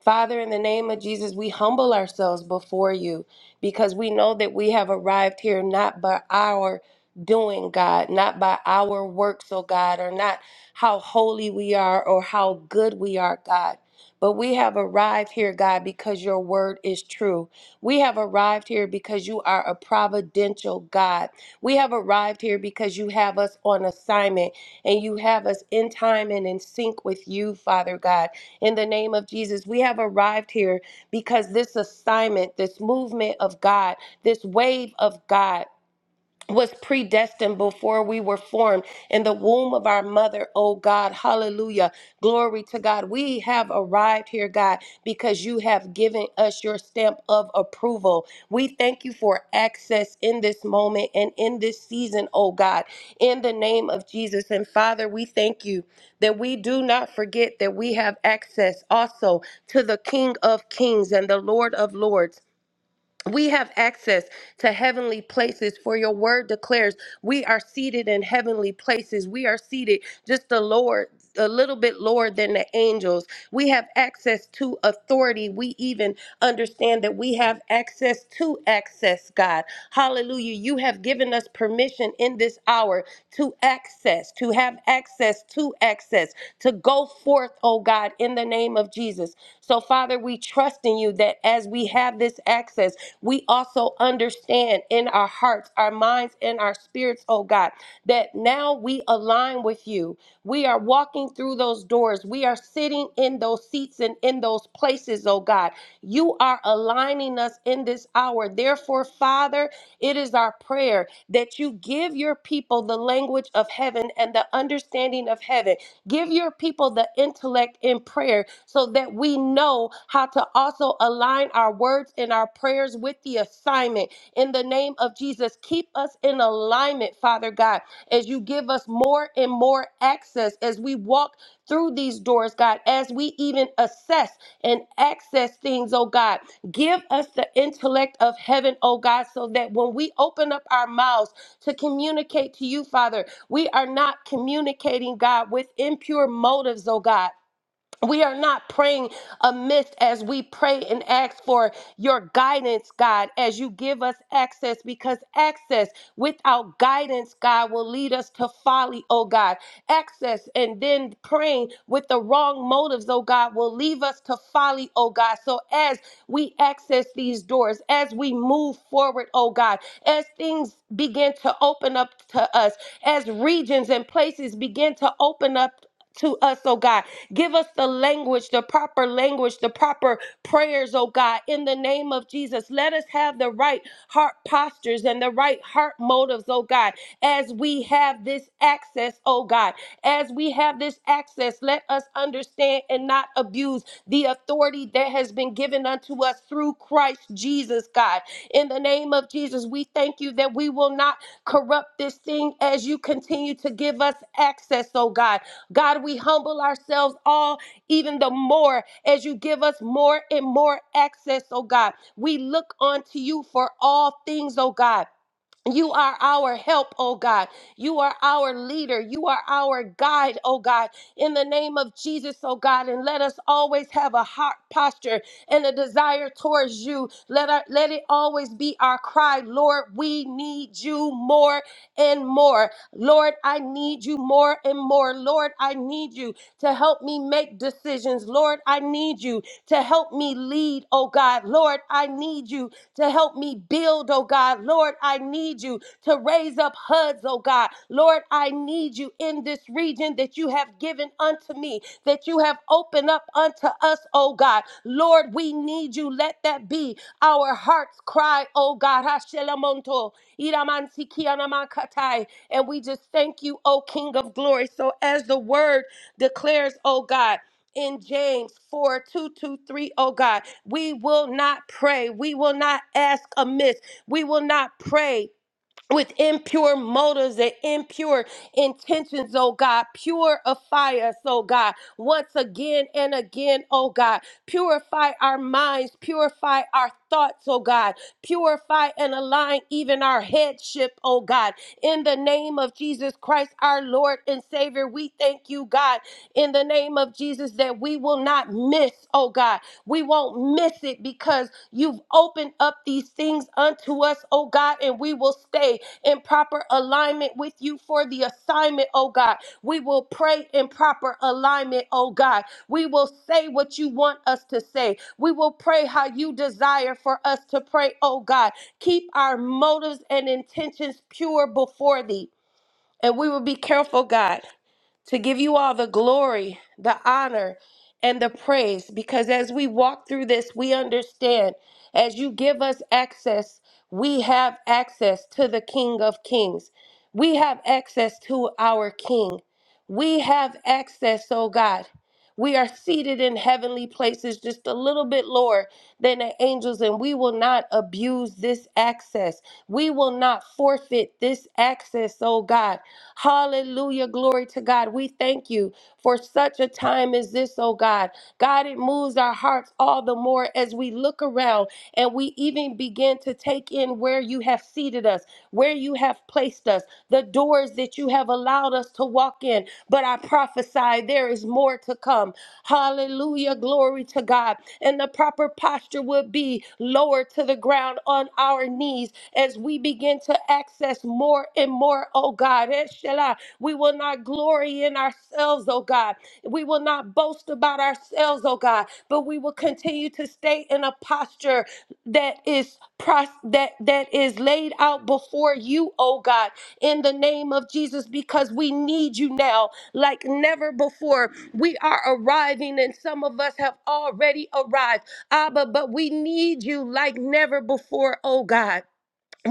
Speaker 5: Father, in the name of Jesus, we humble ourselves before you because we know that we have arrived here not by our doing, God, not by our works, oh God, or not how holy we are or how good we are, God. But we have arrived here, God, because your word is true. We have arrived here because you are a providential God. We have arrived here because you have us on assignment and you have us in time and in sync with you, Father God in the name of Jesus. We have arrived here because this assignment, this movement of God, this wave of God was predestined before we were formed in the womb of our mother, oh God. Hallelujah. Glory to God. We have arrived here, God, because you have given us your stamp of approval. We thank you for access in this moment and in this season, oh God, in the name of Jesus. And Father, we thank you that we do not forget that we have access also to the King of Kings and the Lord of Lords. We have access to heavenly places, for your word declares we are seated in heavenly places. We are seated just the Lord, a little bit lower than the angels. We have access to authority. We even understand that we have access to access, God. Hallelujah. You have given us permission in this hour to access, to have access to access, to go forth, oh God, in the name of Jesus. So, Father, we trust in you that as we have this access, we also understand in our hearts, our minds, and our spirits, oh God, that now we align with you. We are walking through those doors. We are sitting in those seats and in those places, oh God. You are aligning us in this hour. Therefore, Father, it is our prayer that you give your people the language of heaven and the understanding of heaven Give your people the intellect in prayer so that we know how to also align our words and our prayers with the assignment. In the name of Jesus, keep us in alignment, Father God, as you give us more and more access as we walk through these doors, God, as we even assess and access things, oh God. Give us the intellect of heaven, oh God, so that when we open up our mouths to communicate to you, Father, we are not communicating, God, with impure motives, oh God. We are not praying amiss as we pray and ask for your guidance, God, as you give us access, because access without guidance, God, will lead us to folly, oh God. Access and then praying with the wrong motives, oh God, will leave us to folly, oh God. So as we access these doors, as we move forward, oh God, as things begin to open up to us, as regions and places begin to open up to us, oh God. Give us the language, the proper language, the proper prayers, oh God, in the name of Jesus. Let us have the right heart postures and the right heart motives, oh God, as we have this access, oh God. As we have this access, let us understand and not abuse the authority that has been given unto us through Christ Jesus, God. In the name of Jesus, we thank you that we will not corrupt this thing as you continue to give us access, oh God. God, we humble ourselves all even the more as you give us more and more access, oh God. We look unto you for all things, oh God. You are our help, oh God. You are our leader. You are our guide, oh God. In the name of Jesus, oh God, and let us always have a heart posture and a desire towards you. Let our, let it always be our cry, Lord, we need you more and more. Lord, I need you more and more. Lord, I need you to help me make decisions. Lord, I need you to help me lead, oh God. Lord, I need you to help me build, oh God. Lord, I need you to raise up HUDs, oh God. Lord, I need you in this region that you have given unto me, that you have opened up unto us, oh God. Lord, we need you. Let that be our heart's cry, oh God. Hashelamonto, iramansikianamakatai. And we just thank you, oh King of glory. So as the word declares, oh God, in James 4 2 two, three, oh God, we will not pray. We will not ask amiss. We will not pray with impure motives and impure intentions, oh God. Purify us, oh God, once again and again, oh God. Purify our minds, purify our thoughts, oh God. Purify and align even our headship, oh God. In the name of Jesus Christ, our Lord and Savior, we thank you, God in the name of Jesus that we will not miss, oh God. We won't miss it because you've opened up these things unto us, oh God, and we will stay in proper alignment with you for the assignment, oh God. We will pray in proper alignment, oh God. We will say what you want us to say. We will pray how you desire for us to pray, oh God. Keep our motives and intentions pure before thee. And we will be careful, God to give you all the glory, the honor, and the praise. Because as we walk through this, we understand as you give us access, we have access to the King of Kings. We have access to our King. We have access, oh God. We are seated in heavenly places just a little bit lower than the angels, and we will not abuse this access. We will not forfeit this access, oh God. Hallelujah. Glory to God. We thank you for such a time as this, oh God. God, it moves our hearts all the more as we look around and we even begin to take in where you have seated us, where you have placed us, the doors that you have allowed us to walk in. But I prophesy there is more to come. Hallelujah. Glory to God. And the proper our posture would be lower to the ground on our knees as we begin to access more and more, oh God. Eshelah. We will not glory in ourselves, oh God. We will not boast about ourselves, oh God, but we will continue to stay in a posture that is pros- that that is laid out before you, oh God, in the name of Jesus because we need you now like never before. We are arriving and some of us have already arrived, Abba, but we need you like never before, oh God.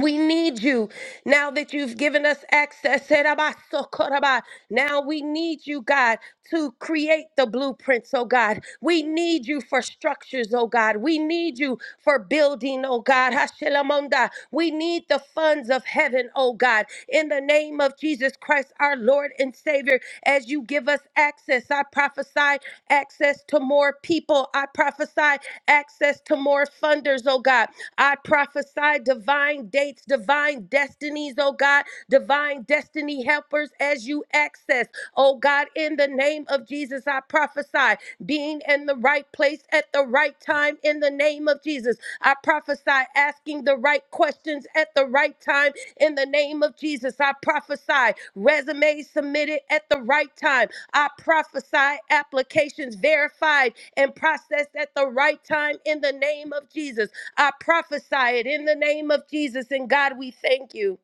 Speaker 5: We need you now that you've given us access. Serabasokoraba. Now we need you, God, to create the blueprints, oh God. We need you for structures, oh God. We need you for building, oh God. Hashelamonda. We need the funds of heaven, oh God. In the name of Jesus Christ, our Lord and Savior as you give us access. I prophesy access to more people. I prophesy access to more funders, oh God. I prophesy divine dates, divine destinies, oh God, divine destiny helpers as you access, oh God, in the name of Jesus. I prophesy being in the right place at the right time in the name of Jesus. I prophesy asking the right questions at the right time in the name of Jesus, I prophesy resumes submitted at the right time. I prophesy applications verified and processed at the right time in the name of Jesus. I prophesy it in the name of Jesus. And God, we thank you.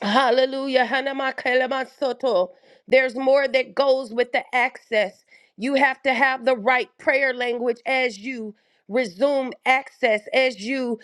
Speaker 5: Hallelujah. Hanamakalamasoto. There's more that goes with the access. You have to have the right prayer language as you resume access, as you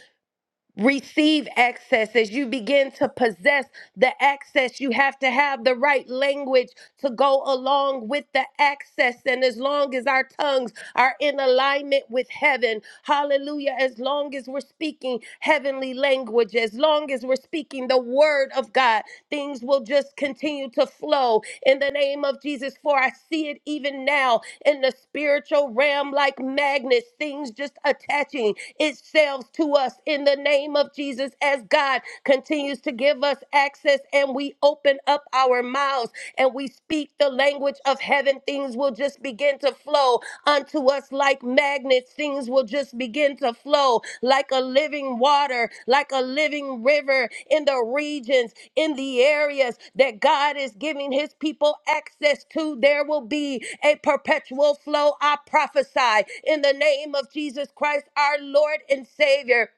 Speaker 5: receive access, as you begin to possess the access, you have to have the right language to go along with the access. And as long as our tongues are in alignment with heaven, hallelujah, as long as we're speaking heavenly language, as long as we're speaking the word of God, things will just continue to flow in the name of Jesus. For I see it even now in the spiritual realm like magnets, things just attaching itself to us in the in the name of Jesus as God continues to give us access and we open up our mouths and we speak the language of heaven, things will just begin to flow unto us like magnets. Things will just begin to flow like a living water, like a living river in the regions, in the areas that God is giving his people access to. There will be a perpetual flow. I prophesy in the name of Jesus Christ, our Lord and Savior.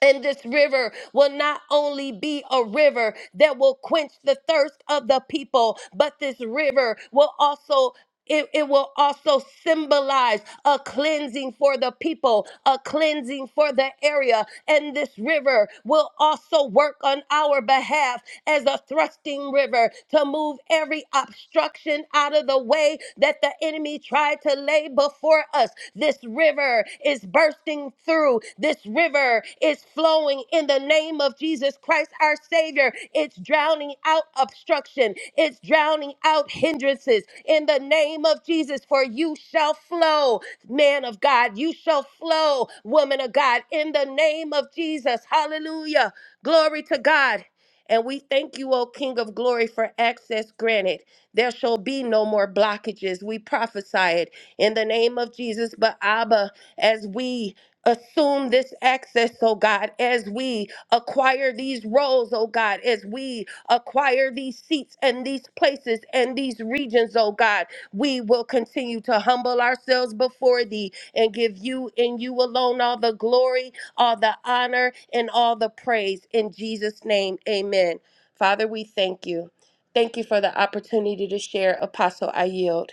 Speaker 5: And this river will not only be a river that will quench the thirst of the people, but this river will also. It, it will also symbolize a cleansing for the people, a cleansing for the area. And this river will also work on our behalf as a thrusting river to move every obstruction out of the way that the enemy enemy tried to lay before us. This river is bursting through. This river is flowing in the name of Jesus Christ, our Savior. It's drowning out obstruction, it's drowning out hindrances in the name of Jesus. For you shall flow, man of God. You shall flow, woman of God, in the name of Jesus. Hallelujah. Glory to God. And we thank you, O King of Glory, for access granted. There shall be no more blockages. We prophesy it in the name of Jesus. But Abba, as we assume this access, oh God, as we acquire these roles, oh God, as we acquire these seats and these places and these regions, oh God, we will continue to humble ourselves before thee and give you and you alone all the glory, all the honor, and all the praise. In Jesus' name, amen. Father, we thank you. Thank you for the opportunity to share. Apostle, I yield.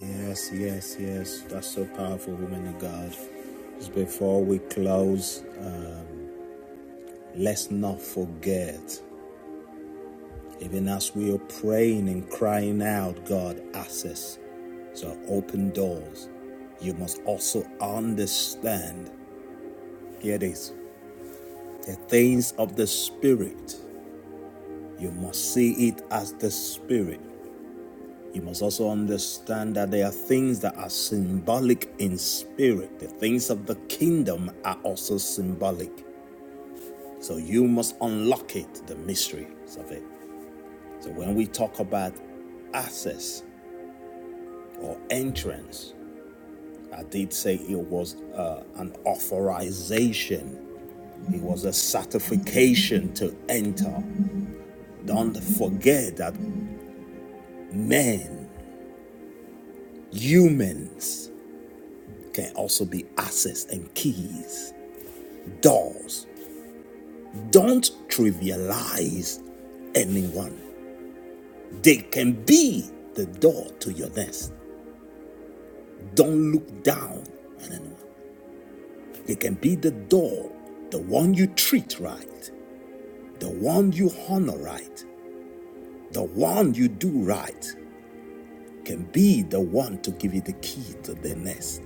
Speaker 2: Yes, yes, yes. That's so powerful, woman of God. Just before we close, uh, let's not forget, even as we are praying and crying out, God, access so open doors. You must also understand. Here it is. The things of the Spirit. You must see it as the Spirit. You must also understand that there are things that are symbolic in spirit. The things of the kingdom are also symbolic. So you must unlock it, the mysteries of it. So when we talk about access or entrance, I did say it was uh, an authorization. It was a certification to enter. Don't forget that men, humans, can also be access and keys. doors. Don't trivialize anyone. They can be the door to your nest. Don't look down on anyone. They can be the door, the one you treat right, the one you honor right, the one you do right, can be the one to give you the key to the nest,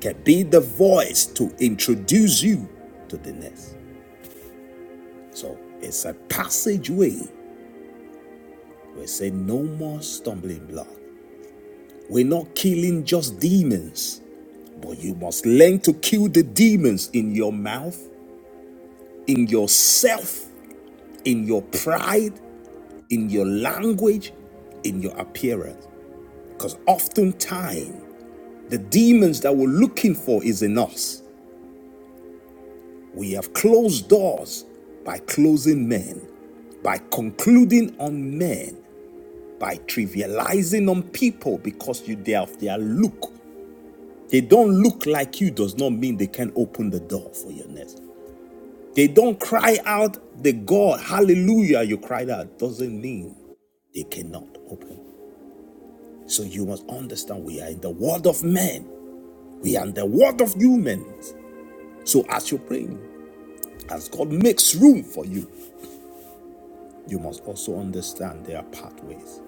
Speaker 2: can be the voice to introduce you to the nest. So it's a passageway. where say no more stumbling block We're not killing just demons, but you must learn to kill the demons in your mouth, in yourself, in your pride, in your language, in your appearance. Because oftentimes, the demons that we're looking for is in us. We have closed doors by closing men, by concluding on men, by trivializing on people because you they have their look. They don't look like you does not mean they can open the door for your next. They don't cry out the God, hallelujah, you cried out. Doesn't mean they cannot open. So you must understand we are in the world of men, we are in the world of humans. So as you're praying, as God makes room for you, you must also understand there are pathways.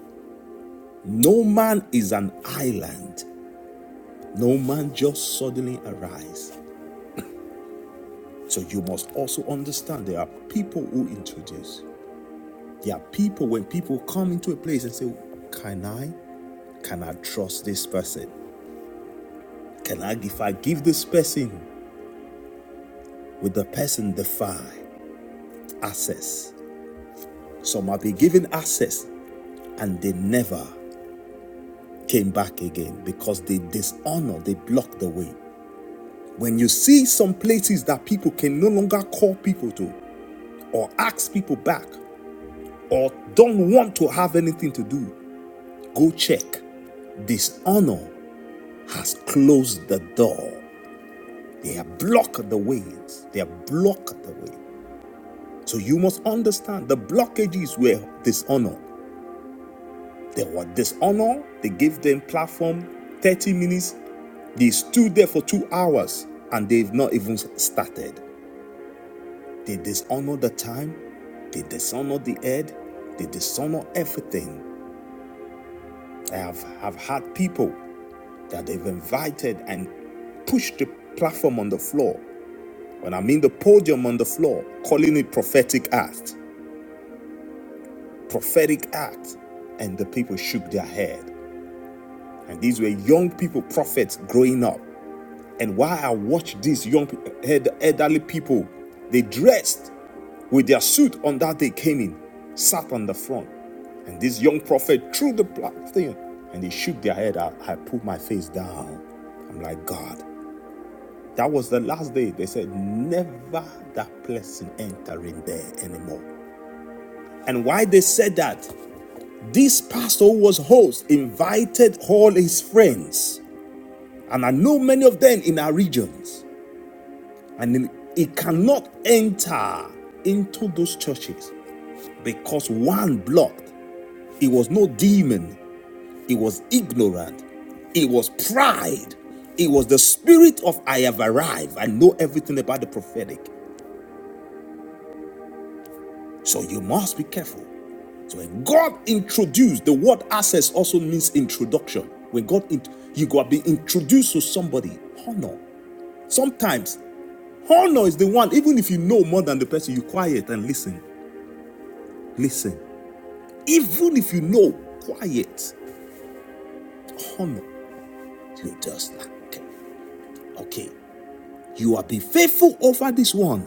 Speaker 2: No man is an island, no man just suddenly arise. So you must also understand there are people who introduce. There are people when people come into a place and say, Can I? Can I trust this person? Can I, if I give this person, will the person defy access? Some have been given access and they never came back again because they dishonor, they block the way. When you see some places that people can no longer call people to or ask people back or don't want to have anything to do, go check. Dishonor has closed the door. They have blocked the ways. They have blocked the way. So you must understand the blockages were dishonor. They were dishonored. They gave them platform 30 minutes. They stood there for two hours and they've not even started. They dishonor the time. They dishonor the head. They dishonor everything. I have, have had people that they've invited and pushed the platform on the floor. When I mean the podium on the floor, calling it prophetic act. Prophetic act. And the people shook their head. And these were young people, prophets growing up. And while I watched these young elderly people, they dressed with their suit on that they came in, sat on the front. And this young prophet threw the black thing and they shook their head. I, I put my face down. I'm like, God, that was the last day. They said, never that person entering there anymore. And why they said that? This pastor who was host invited all his friends, and I know many of them in our regions. and it cannot enter into those churches because one blocked it was no demon it was ignorant it was pride it was the spirit of i have arrived i know everything about the prophetic so you must be careful so when god introduced the word access also means introduction when god int- you got to be introduced to somebody honor sometimes honor is the one even if you know more than the person you quiet and listen listen Even if you know, quiet, honor, you just like, okay, you have been faithful over this one.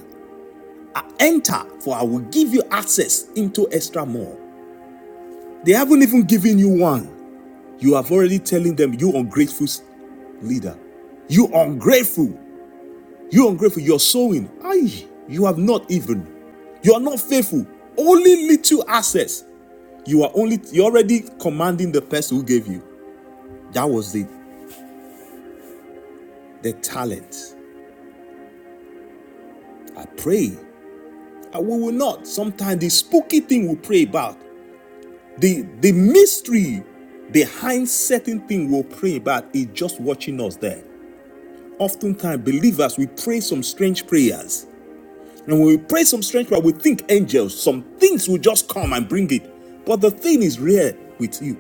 Speaker 2: I enter, for I will give you access into extra more. They haven't even given you one. You have already telling them, you ungrateful leader. You ungrateful. You ungrateful. You're sowing. Aye, you have not even. You are not faithful. Only little access. You are only. You're already commanding the person who gave you. That was the the talent. I pray. And we will not. Sometimes the spooky thing we pray about, the the mystery behind certain thing we'll pray about is just watching us there. Oftentimes, believers, we pray some strange prayers and when we pray some strange prayer, we think angels, some things will just come and bring it. But the thing is real with you.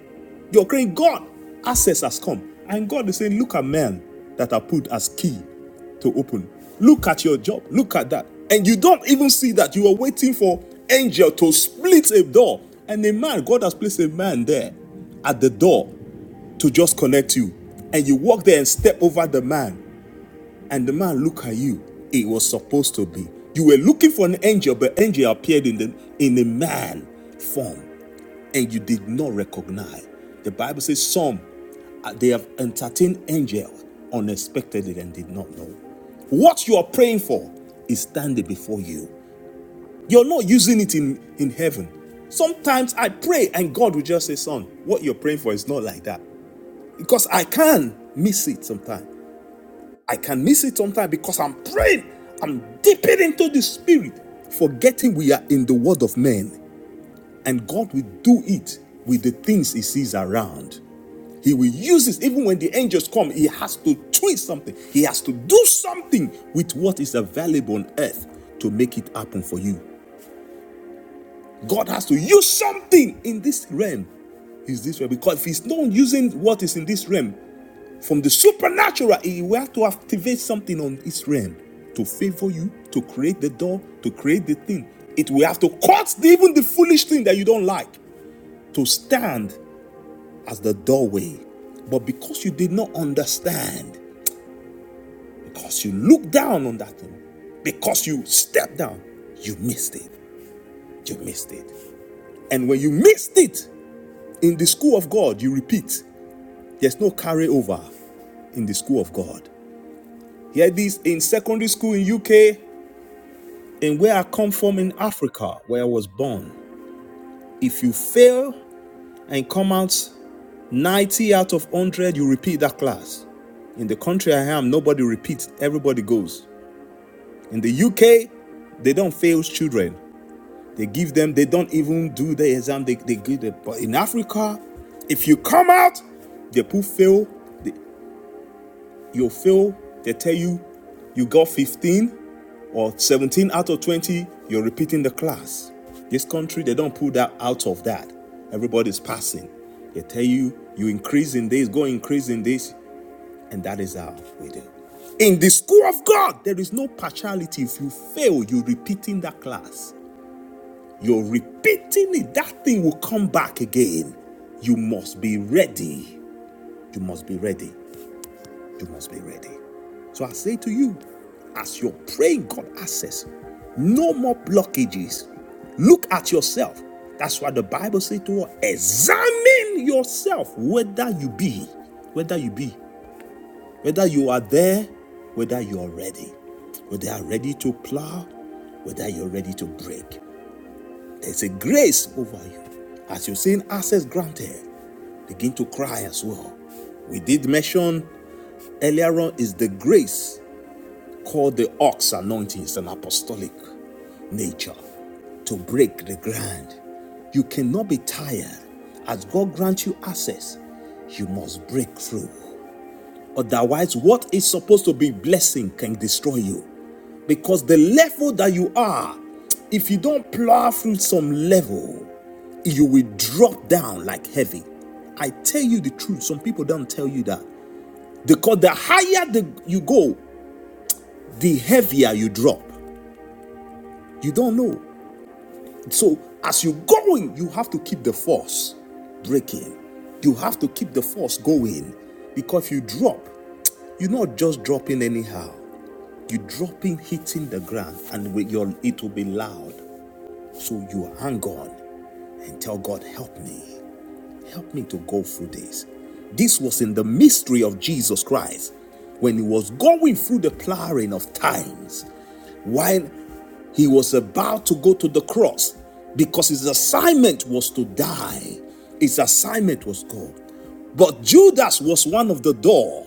Speaker 2: You're praying, God, access has come. And God is saying, look at men that are put as key to open. Look at your job. Look at that. And you don't even see that you are waiting for angel to split a door. And a man, God has placed a man there at the door to just connect you. And you walk there and step over the man. And the man look at you. It was supposed to be. You were looking for an angel, but angel appeared in the in a man form, and you did not recognize. The Bible says some uh, they have entertained angel unexpectedly and did not know. What you are praying for is standing before you. You're not using it in, in heaven. Sometimes I pray and God will just say, Son, what you're praying for is not like that. Because I can miss it sometimes. I can miss it sometimes because I'm praying. I'm dipping into the spirit, forgetting we are in the world of men, and God will do it with the things He sees around. He will use this even when the angels come. He has to twist something. He has to do something with what is available on earth to make it happen for you. God has to use something in this realm. Is this realm because if He's not using what is in this realm, From the supernatural, he will have to activate something on his realm to favor you, to create the door, to create the thing. It will have to cut even the foolish thing that you don't like to stand as the doorway. But because you did not understand, because you looked down on that thing, because you stepped down, you missed it. You missed it. And when you missed it in the school of God, you repeat. There's no carryover in the school of God. Hear this in secondary school in UK, And where I come from in Africa, where I was born, if you fail and come out 90 out of 100, you repeat that class. In the country I am, nobody repeats, everybody goes. In the UK, they don't fail children. They give them, they don't even do the exam, they, they give them. But in Africa, if you come out, they put fail. they you fail, they tell you you got 15 or 17 out of 20, you're repeating the class. This country, they don't pull that out of that. Everybody's passing. They tell you you increase in this, go increase in this, and that is how we do. In the school of God, there is no partiality. If you fail, you're repeating that class. You're repeating it. That thing will come back again. You must be ready. You must be ready. You must be ready. So I say to you, as you're praying, God access. No more blockages. Look at yourself. That's why the Bible says to us, examine yourself whether you be, whether you be, whether you are there, whether you are ready, whether you are ready to plow, whether you're ready to break. There's a grace over you. As you're seeing access granted, begin to cry as well. We did mention earlier on is the grace called the ox anointing is an apostolic nature to break the ground. You cannot be tired. As God grants you access, you must break through. Otherwise, what is supposed to be blessing can destroy you. Because the level that you are, if you don't plow through some level, you will drop down like heavy. I tell you the truth, some people don't tell you that. Because the higher the, you go, the heavier you drop. You don't know. So as you're going, you have to keep the force breaking. You have to keep the force going because if you drop, you're not just dropping anyhow. You're dropping, hitting the ground, and with your it will be loud. So you hang on and tell God, help me, help me to go through this. This was in the mystery of Jesus Christ when he was going through the plowing of times. Why? He was about to go to the cross because his assignment was to die. His assignment was God. But Judas was one of the door,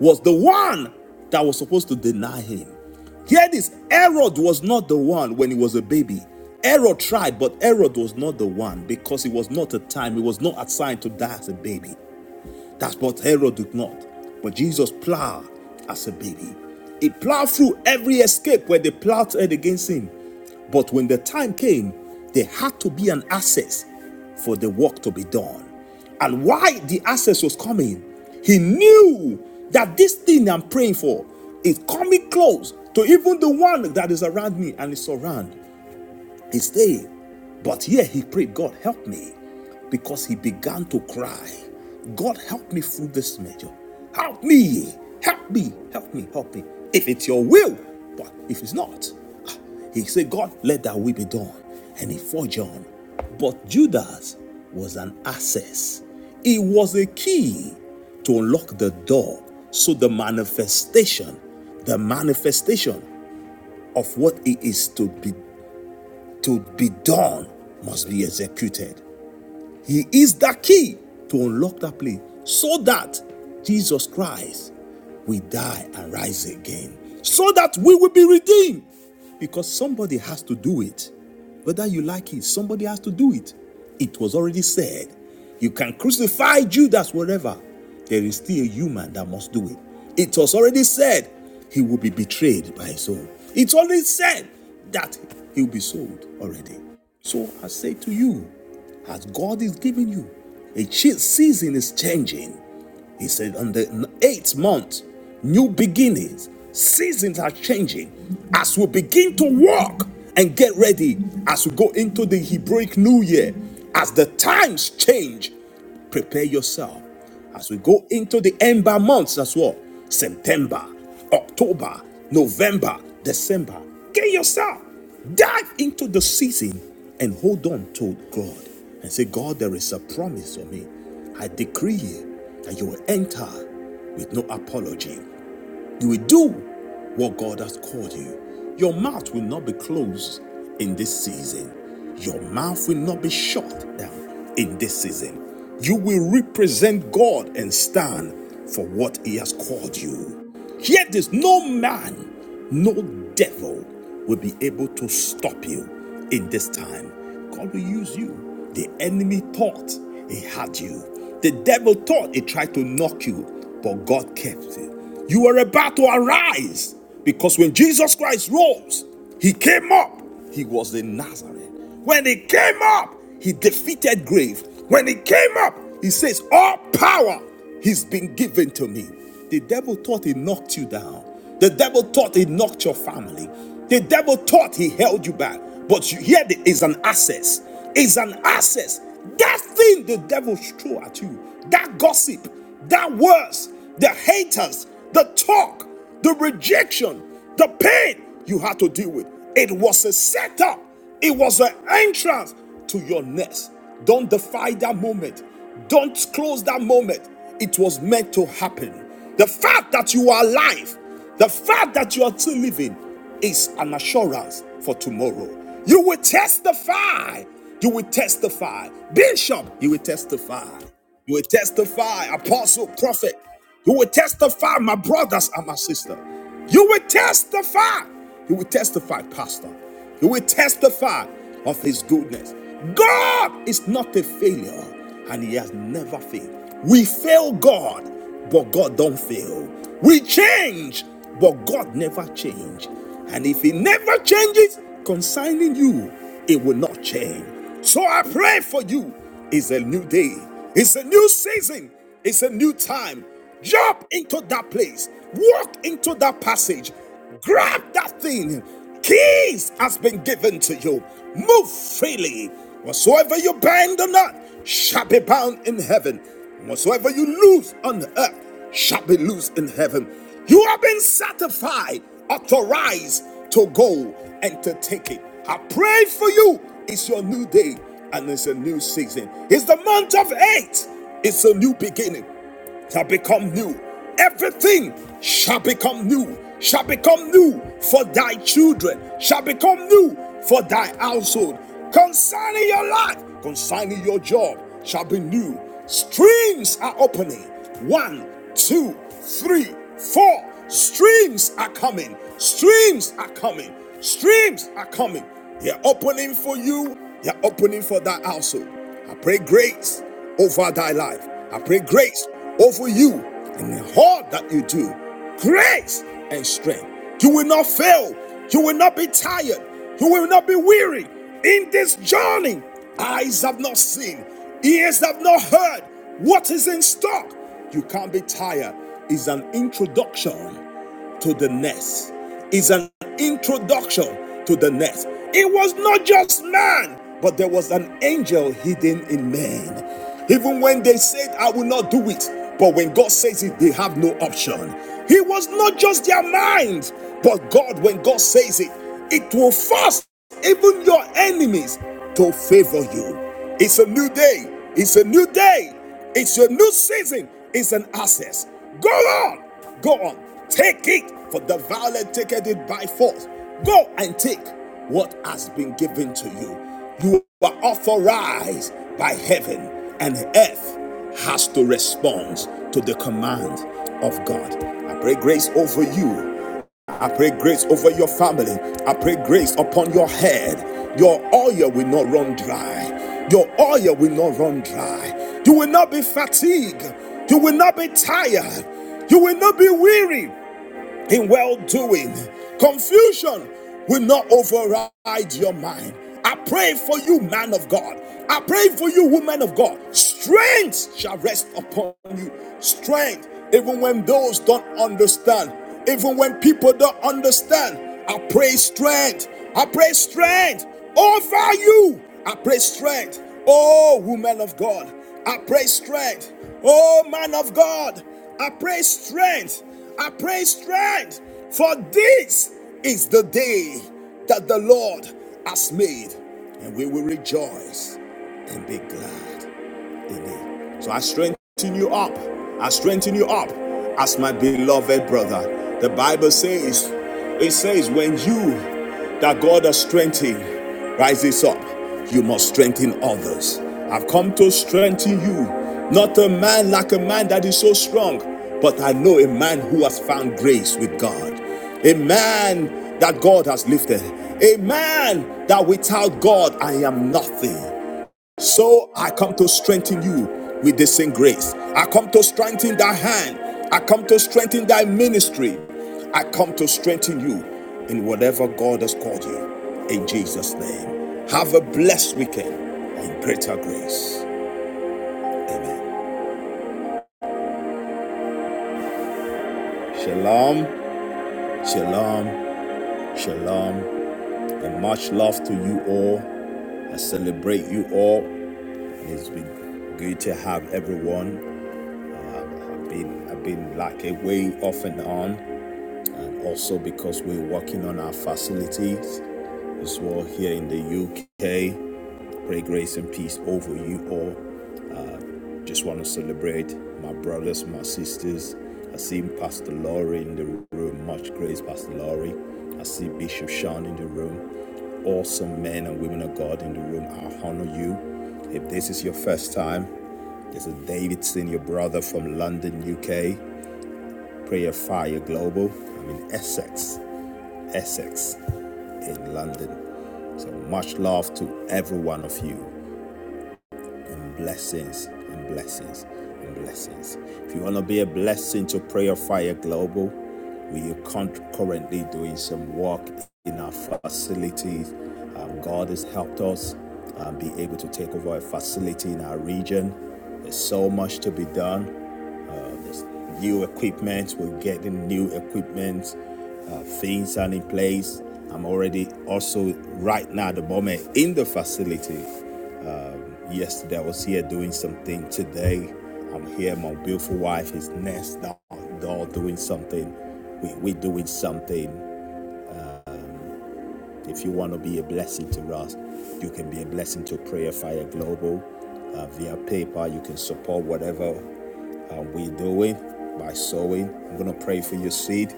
Speaker 2: was the one that was supposed to deny him. Hear this Herod was not the one when he was a baby. Herod tried, but Herod was not the one because it was not a time, he was not assigned to die as a baby. That's what Herod did not. But Jesus plowed as a baby. He plowed through every escape where they plowed against him. But when the time came, there had to be an access for the work to be done. And why the access was coming, he knew that this thing I'm praying for is coming close to even the one that is around me and is around his day. But here he prayed, God help me because he began to cry, God, help me through this measure. Help me, help me, help me, help me. If it's your will, but if it's not, he said, God, let that will be done. And he forged on. But Judas was an access, it was a key to unlock the door. So the manifestation, the manifestation of what it is to be to be done must be executed. He is the key to unlock that place so that Jesus Christ will die and rise again, so that we will be redeemed. Because somebody has to do it. Whether you like it, somebody has to do it it was already said. You can crucify Judas wherever. There is still a human that must do it. It was already said he will be betrayed by his own. It's already said that he will be sold already. So I say to you, as God is giving you, a season is changing. He said, on the eighth month, new beginnings, seasons are changing. As we begin to walk and get ready, as we go into the Hebraic New Year, as the times change, prepare yourself as we go into the ember months as well September, October, November, December. Get yourself, dive into the season and hold on to God and say, God, there is a promise for me. I decree that you will enter with no apology. You will do what God has called you. Your mouth will not be closed in this season. Your mouth will not be shut down in this season. You will represent God and stand for what He has called you. Hear this no man, no devil will be able to stop you in this time. God will use you. The enemy thought he had you. The devil thought he tried to knock you, but God kept you. You were about to arise because when Jesus Christ rose, he came up. He was the Nazarene. When he came up, he defeated grave. When he came up, he says, All power has been given to me. The devil thought he knocked you down. The devil thought he knocked your family. The devil thought he held you back. But you hear it is an access. It's an access. That thing the devil threw at you, that gossip, that words, the haters, the talk, the rejection, the pain you had to deal with. It was a setup. It was an entrance to your nest. Don't defy that moment. Don't close that moment. It was meant to happen. The fact that you are alive the fact that you are still living is an assurance for tomorrow. You will testify. You will testify. Bishop, you will testify. You will testify. Apostle, prophet, you will testify. My brothers and my sister, you will testify. You will testify, Pastor. You will testify of His goodness. God is not a failure and he has never failed. We fail God, but God don't fail. We change, but God never change. And if he never changes concerning you, it will not change. So I pray for you. It's a new day. It's a new season. It's a new time. Jump into that place. Walk into that passage. Grab that thing. Keys has been given to you. Move freely. Whatsoever you bind on earth shall be bound in heaven. Whatsoever you loose on earth shall be loose in heaven. You have been certified, authorized to go and to take it. I pray for you. It's your new day and it's a new season. It's the month of eight. It's a new beginning shall become new. Everything shall become new, shall become new for thy children, shall become new for thy household. Concerning your life, concerning your job, shall be new. Streams are opening. One, two, three, four. Streams are coming. Streams are coming. Streams are coming. They're opening for you. They're opening for that household. I pray grace over thy life. I pray grace over you and all that you do. Grace and strength. You will not fail. You will not be tired. You will not be weary. In this journey, eyes have not seen, ears have not heard what is in stock. You can't be tired. It's an introduction to the next. It's an introduction to the next. It was not just man, but there was an angel hidden in man. Even when they said, I will not do it, but when God says it, they have no option. He was not just their mind, but God, when God says it, it will force even your enemies to favor you. It's a new day. It's a new day. It's a new season. It's an access. Go on. Go on, take it, for the violent taketh it by force. Go and take what has been given to you. You are authorized by heaven, and earth has to respond to the command of God. I pray grace over you I pray grace over your family. I pray grace upon your head. Your oil will not run dry. Your oil will not run dry. You will not be fatigued. You will not be tired. You will not be weary in well doing. Confusion will not override your mind. I pray for you, man of God. I pray for you, woman of God. Strength shall rest upon you. Strength, even when those don't understand, even when people don't understand. I pray strength. I pray strength over you. I pray strength. Oh, woman of God. I pray strength. Oh, man of God. I pray strength. I pray strength. For this is the day that the Lord has made, and we will rejoice and be glad. Amen. So I strengthen you up. I strengthen you up as my beloved brother. The Bible says, it says, when you that God has strengthened rises up, you must strengthen others. I've come to strengthen you, not a man like a man that is so strong, but I know a man who has found grace with God a man that God has lifted, a man that without God I am nothing. So I come to strengthen you with the same grace. I come to strengthen thy hand. I come to strengthen thy ministry. I come to strengthen you in whatever God has called you. In Jesus' name. Have a blessed weekend on greater grace. Amen. Shalom, shalom, shalom, and much love to you all. I celebrate you all. It's been good to have everyone. I've been I've been like away off and on, and also because we're working on our facilities as well here in the UK. Pray grace and peace over you all. Just want to celebrate my brothers, my sisters. I see Pastor Laurie in the room. Much grace, Pastor Laurie. I see Bishop Sean in the room. Awesome men and women of God in the room. I honor you. If this is your first time, this is Davidson, your brother from London, UK. Prayer Fire Global. I'm in Essex, Essex. in London. So much love to every one of you, and blessings, and blessings, and blessings. If you want to be a blessing to Prayer Fire Global, we are con- currently doing some work in our facilities. Um, God has helped us um, be able to take over a facility in our region. There's so much to be done new equipment. We're getting new equipment. Uh, things are in place. I'm already also right now at the moment in the facility. Yesterday I was here doing something. Today I'm here. My beautiful wife is next door, doing something. We we doing something. If you want to be a blessing to us, you can be a blessing to Prayer Fire Global uh, via PayPal. You can support whatever uh, we're doing by sowing. I'm going to pray for your seed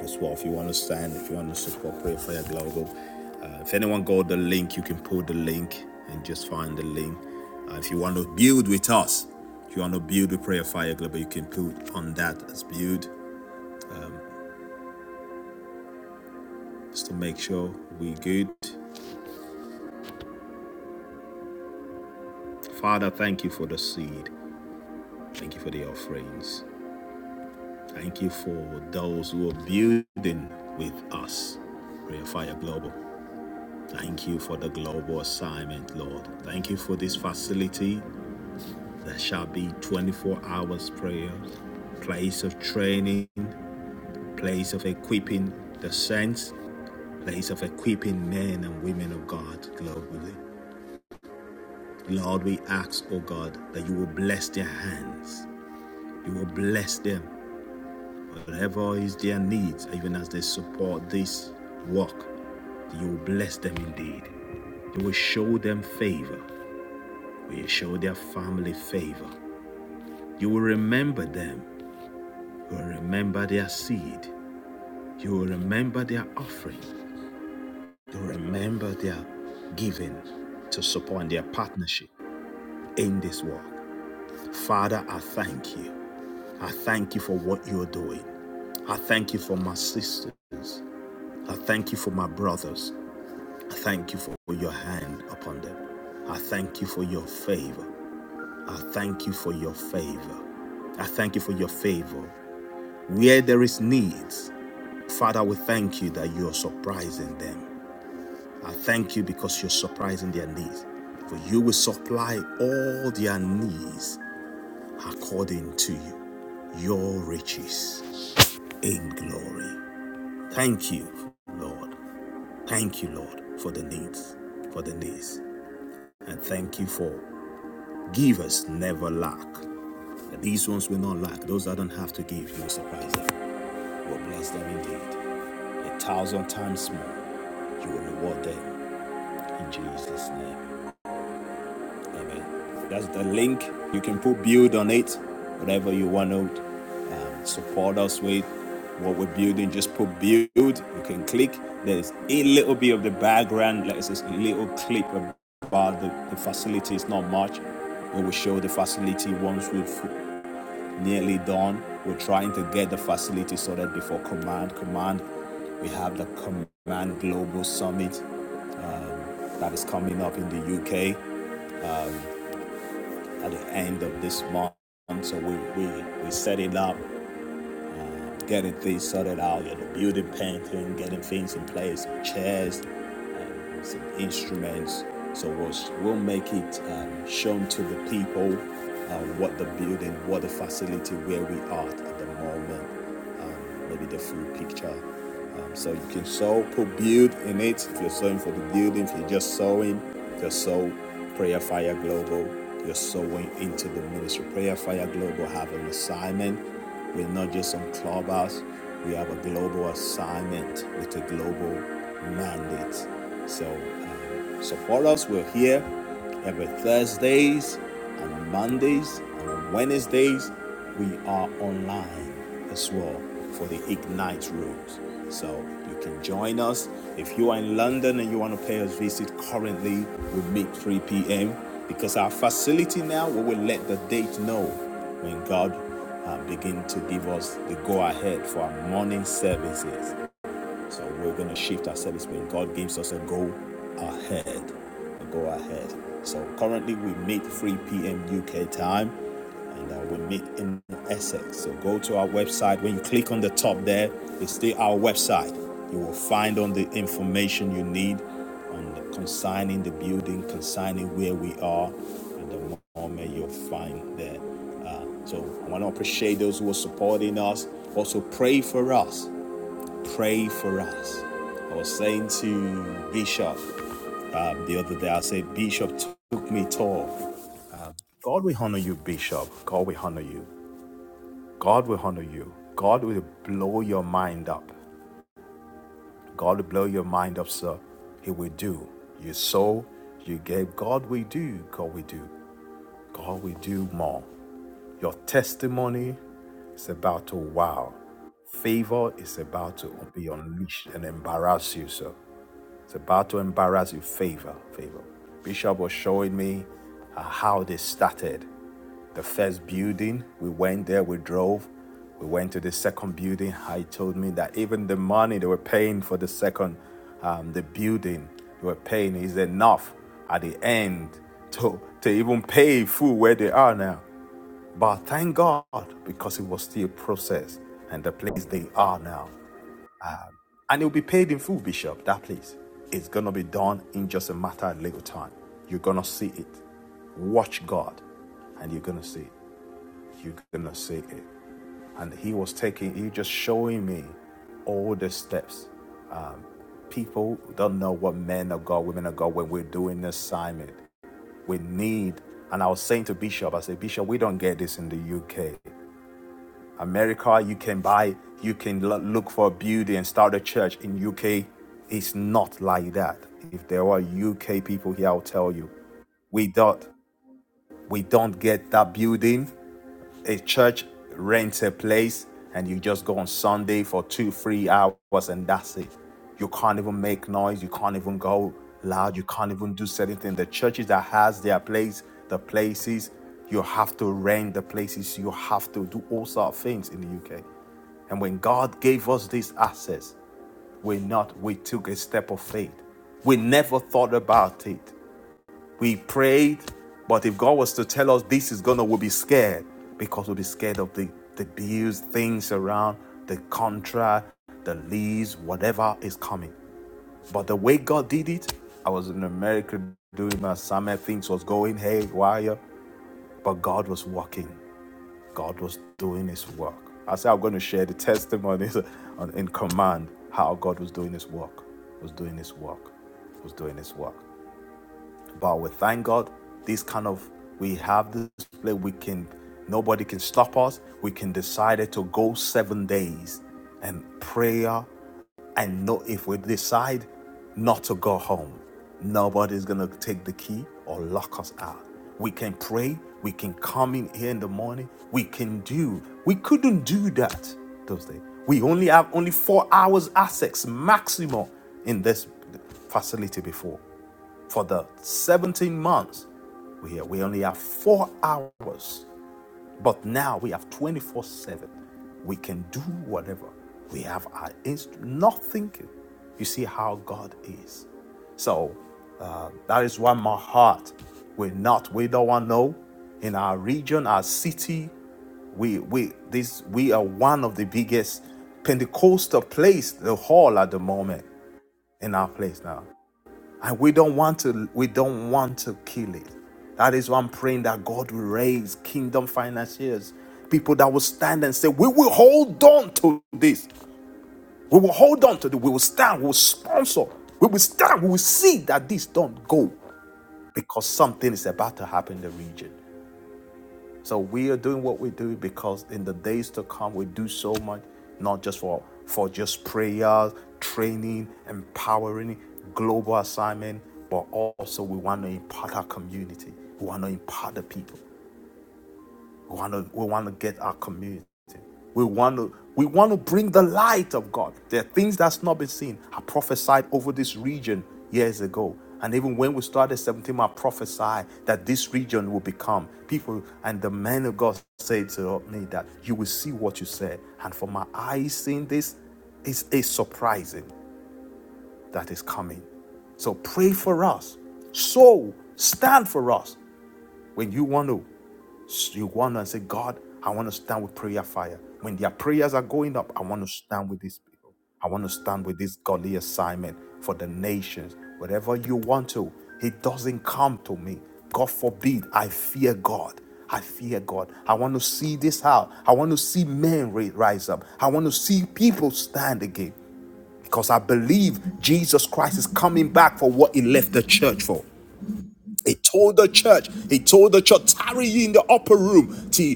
Speaker 2: as well. If you want to stand, if you want to support Prayer Fire Global, uh, if anyone got the link, you can pull the link and just find the link. Uh, if you want to build with us, if you want to build with Prayer Fire Global, you can put on that as build just to make sure we're good. Father, thank you for the seed. Thank you for the offerings. Thank you for those who are building with us. Prayer Fire Global. Thank you for the global assignment, Lord. Thank you for this facility. that shall be 24 hours prayer, place of training, place of equipping the saints, place of equipping men and women of God globally. Lord, we ask, O God, that you will bless their hands. You will bless them. whatever is their needs, even as they support this work, you will bless them indeed. You will show them favor. You will show their family favor. You will remember them. You will remember their seed. You will remember their offering. You will remember their giving to support their partnership in this work. Father, I thank you. I thank you for what you're doing. I thank you for my sisters. I thank you for my brothers. I thank you for your hand upon them. I thank you for your favor. I thank you for your favor. I thank you for your favor. Where there is needs, Father, we thank you that you are surprising them. I thank you because you're surprising their needs. For you will supply all their needs according to your riches in glory. Thank you, Lord. Thank you, Lord, for the needs, for the needs. And thank you for Givers never lack. These ones will not lack. Those that don't have to give, you will surprise them. You will bless them indeed. A thousand times more, you will reward them in Jesus' name. Amen. That's the link. You can put build on it, whatever you want to um, support us with. What we're building, just put build. You can click. There's a little bit of the background, like it's a little clip about the, the facility. It's not much. We will show the facility once we've nearly done. We're trying to get the facility sorted before Command. Command, we have the Command Global Summit that is coming up in the UK at the end of this month. So we we, we set it up. getting things sorted out, you know, building painting, getting things in place, chairs, um, some instruments. So we'll, we'll make it um, shown to the people uh, what the building, what the facility, where we are at the moment, um, maybe the full picture. Um, so you can sew, put build in it. If you're sewing for the building, if you're just sewing, just sew Prayer Fire Global. You're sewing into the ministry. Prayer Fire Global have an assignment we're not just on Clubhouse, we have a global assignment with a global mandate. So um, support us. We're here every Thursdays and Mondays and on Wednesdays. We are online as well for the Ignite rooms. So you can join us. If you are in London and you want to pay us visit currently, we meet 3 p.m. because our facility now we will let the date know when God uh, begin to give us the go ahead for our morning services. So we're going to shift our service when God gives us a go ahead. A go ahead. So currently we meet 3 p.m. UK time and uh, we meet in Essex. So go to our website. When you click on the top there, it's still our website. You will find all the information you need on the, consigning the building, consigning where we are, and the moment you'll find there. Uh, so I want to appreciate those who are supporting us. Also pray for us. Pray for us. I was saying to Bishop uh, the other day, I said, Bishop took me tall. God, we honor you, Bishop. God, we honor you. God will honor you. God will blow your mind up. God will blow your mind up, sir. He will do. You sow, you gave. God will do. God will do. God will do more. Your testimony is about to wow. Favor is about to be unleashed and embarrass you, sir. It's about to embarrass you. Favor, favor. Bishop was showing me uh, how they started. first building. We went there, we drove. We went to the second building. I told me that even the money they were paying for the second, um, the building they were paying is enough at the end to, to even pay full where they are now. But thank God because it was still a process and the place they are now. Um, and it'll be paid in full, Bishop, that place. It's going to be done in just a matter of little time. You're going to see it. Watch God and you're going to see it you're gonna see it. And he was taking, he just showing me all the steps. Um, people don't know what men of God, women of God, when we're doing this assignment, we need. And I was saying to Bishop, I said, Bishop, we don't get this in the UK. America, you can buy, you can look for a building and start a church. In UK, it's not like that. If there are UK people here, I'll tell you, we don't, we don't get that building a church rents a place and you just go on Sunday for two, three hours and that's it. You can't even make noise. You can't even go loud. You can't even do certain things. The churches that has their place, the places, you have to rent the places. You have to do all sort of things in the UK. And when God gave us this access, we not we took a step of faith. We never thought about it. We prayed, but if God was to tell us this is gonna, we'll be scared because we'll be scared of the, the bills, things around, the contract, the lease, whatever is coming. But the way God did it, I was in America doing my summer, things was going haywire, but God was working. God was doing his work. I said I'm gonna share the testimonies in command how God was doing his work, was doing his work, was doing his work. But we thank God this kind of we have this display. We can nobody can stop us. We can decide to go seven days and prayer and know if we decide not to go home, nobody's gonna take the key or lock us out. We can pray, we can come in here in the morning, we can do. We couldn't do that those days. We only have only four hours access maximum in this facility before for the 17 months we here we only have four hours but now we have 24 7 we can do whatever we have our inst- not thinking you see how god is so uh, that is why my heart we not we don't want to know in our region our city we we this we are one of the biggest pentecostal place the hall at the moment in our place now and we don't want to we don't want to kill it that is why i'm praying that god will raise kingdom financiers people that will stand and say we will hold on to this we will hold on to this we will stand we will sponsor we will stand we will see that this don't go because something is about to happen in the region so we are doing what we do because in the days to come, we do so much, not just for for just prayers, training, empowering, global assignment, but also we want to impart our community. We want to impart the people. We want to we want to get our community. We want to we want to bring the light of God. There are things that's not been seen. I prophesied over this region years ago. And even when we started 17, I prophesied that this region will become people. And the man of God said to me that you will see what you say. And for my eyes seeing this, it's a surprising that is coming. So pray for us. So stand for us. When you want to, you want to say, God, I want to stand with prayer fire. When their prayers are going up, I want to stand with these people. I want to stand with this godly assignment for the nations. Whatever you want to, it doesn't come to me. God forbid, I fear God. I fear God. I want to see this out. I want to see men rise up. I want to see people stand again because I believe Jesus Christ is coming back for what he left the church for. He told the church, he told the church, tarry ye in the upper room till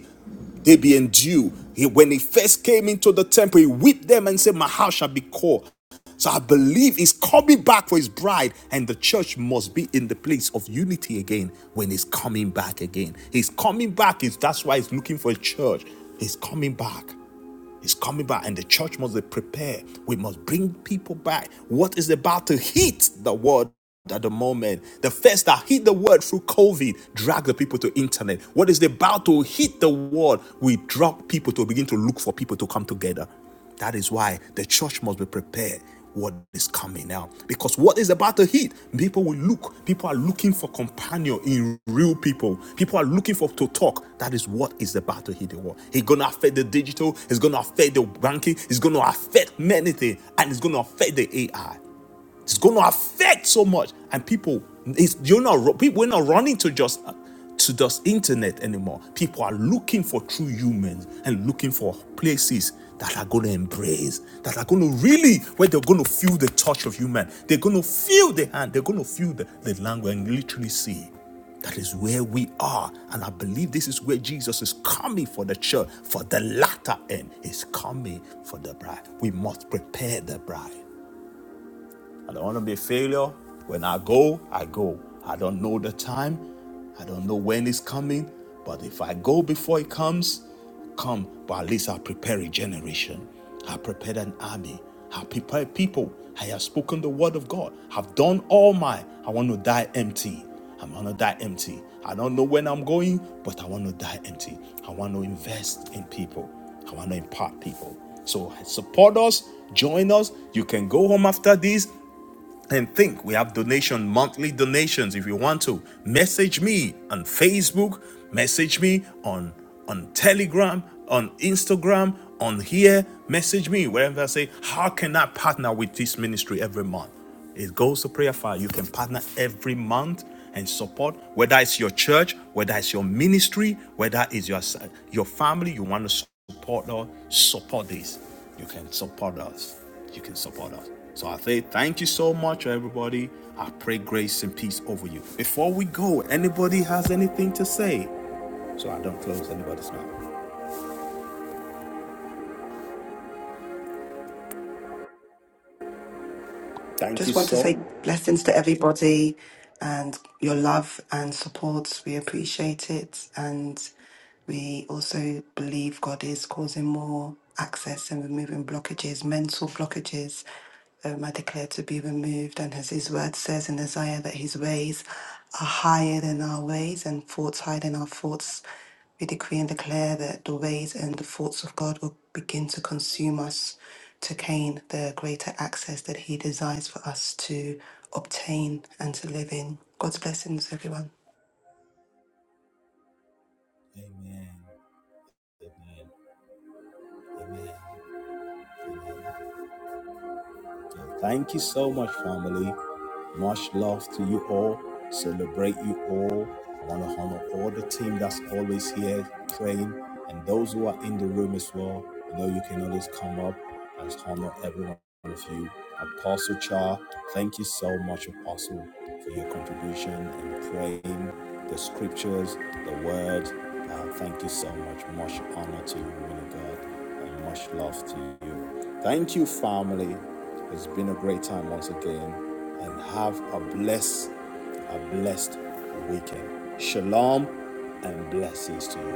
Speaker 2: they be endued. He, when he first came into the temple, he whipped them and said, My house shall be called. So I believe he's coming back for his bride, and the church must be in the place of unity again when he's coming back again. He's coming back, is that's why he's looking for a church. He's coming back. Is coming back, and the church must be prepared. We must bring people back. What is about to hit the world at the moment? The first that hit the world through COVID drag the people to internet. What is about to hit the world? We drag people to begin to look for people to come together. That is why the church must be prepared what is coming now. Because what is about to hit, people will look. People are looking for companion in real people. People are looking for to talk. That is what is about to hit the world. It's gonna affect the digital, it's gonna affect the banking, it's gonna affect many things, and it's gonna affect the AI. It's going to affect so much, and people, it's, you're not people. We're not running to just to just internet anymore. People are looking for true humans and looking for places that are going to embrace, that are going to really where they're going to feel the touch of human. They're going to feel the hand. They're going to feel the, the language and literally see. That is where we are. And I believe this is where Jesus is coming for the church, for the latter end. He's coming for the bride. We must prepare the bride. I don't want to be a failure. When I go, I go. I don't know the time. I don't know when it's coming. But if I go before it comes, come. But at least I prepare a generation. I prepared an army. I prepared people. I have spoken the word of God. I've done all my. I want to die empty. I'm gonna die empty. I don't know when I'm going, but I want to die empty. I want to invest in people. I want to impart people. So support us, join us. You can go home after this and think we have donation monthly donations if you want to message me on facebook message me on on telegram on instagram on here message me wherever i say how can i partner with this ministry every month it goes to prayer fire you can partner every month and support whether it's your church whether it's your ministry whether it's your your family you want to support or support this you can support us you can support us. So I say thank you so much, everybody. I pray grace and peace over you. Before we go, anybody has anything to say? So I don't close anybody's mouth. Thank you
Speaker 6: Just want to
Speaker 2: so
Speaker 6: say
Speaker 2: much.
Speaker 6: blessings to everybody and your love and support. We appreciate it. And we also believe God is causing more access and removing blockages, mental blockages um, are declared to be removed. And as his word says in Isaiah, that his ways are higher than our ways and thoughts higher than our thoughts. We decree and declare that the ways and the thoughts of God will begin to consume us to gain the greater access that he desires for us to obtain and to live in. God's blessings, everyone.
Speaker 2: Amen. Amen. Amen. Amen. Thank you so much, family. Much love to you all. Celebrate you all. I want to honor all the team that's always here praying and those who are in the room as well. You know, you can always come up and honor every one of you. Apostle Char, thank you so much, Apostle, for your contribution and praying the scriptures, the word. Uh, thank you so much. Much honor to you, woman of God, and much love to you. Thank you, family. It's been a great time once again, and have a blessed, a blessed weekend. Shalom and blessings to you.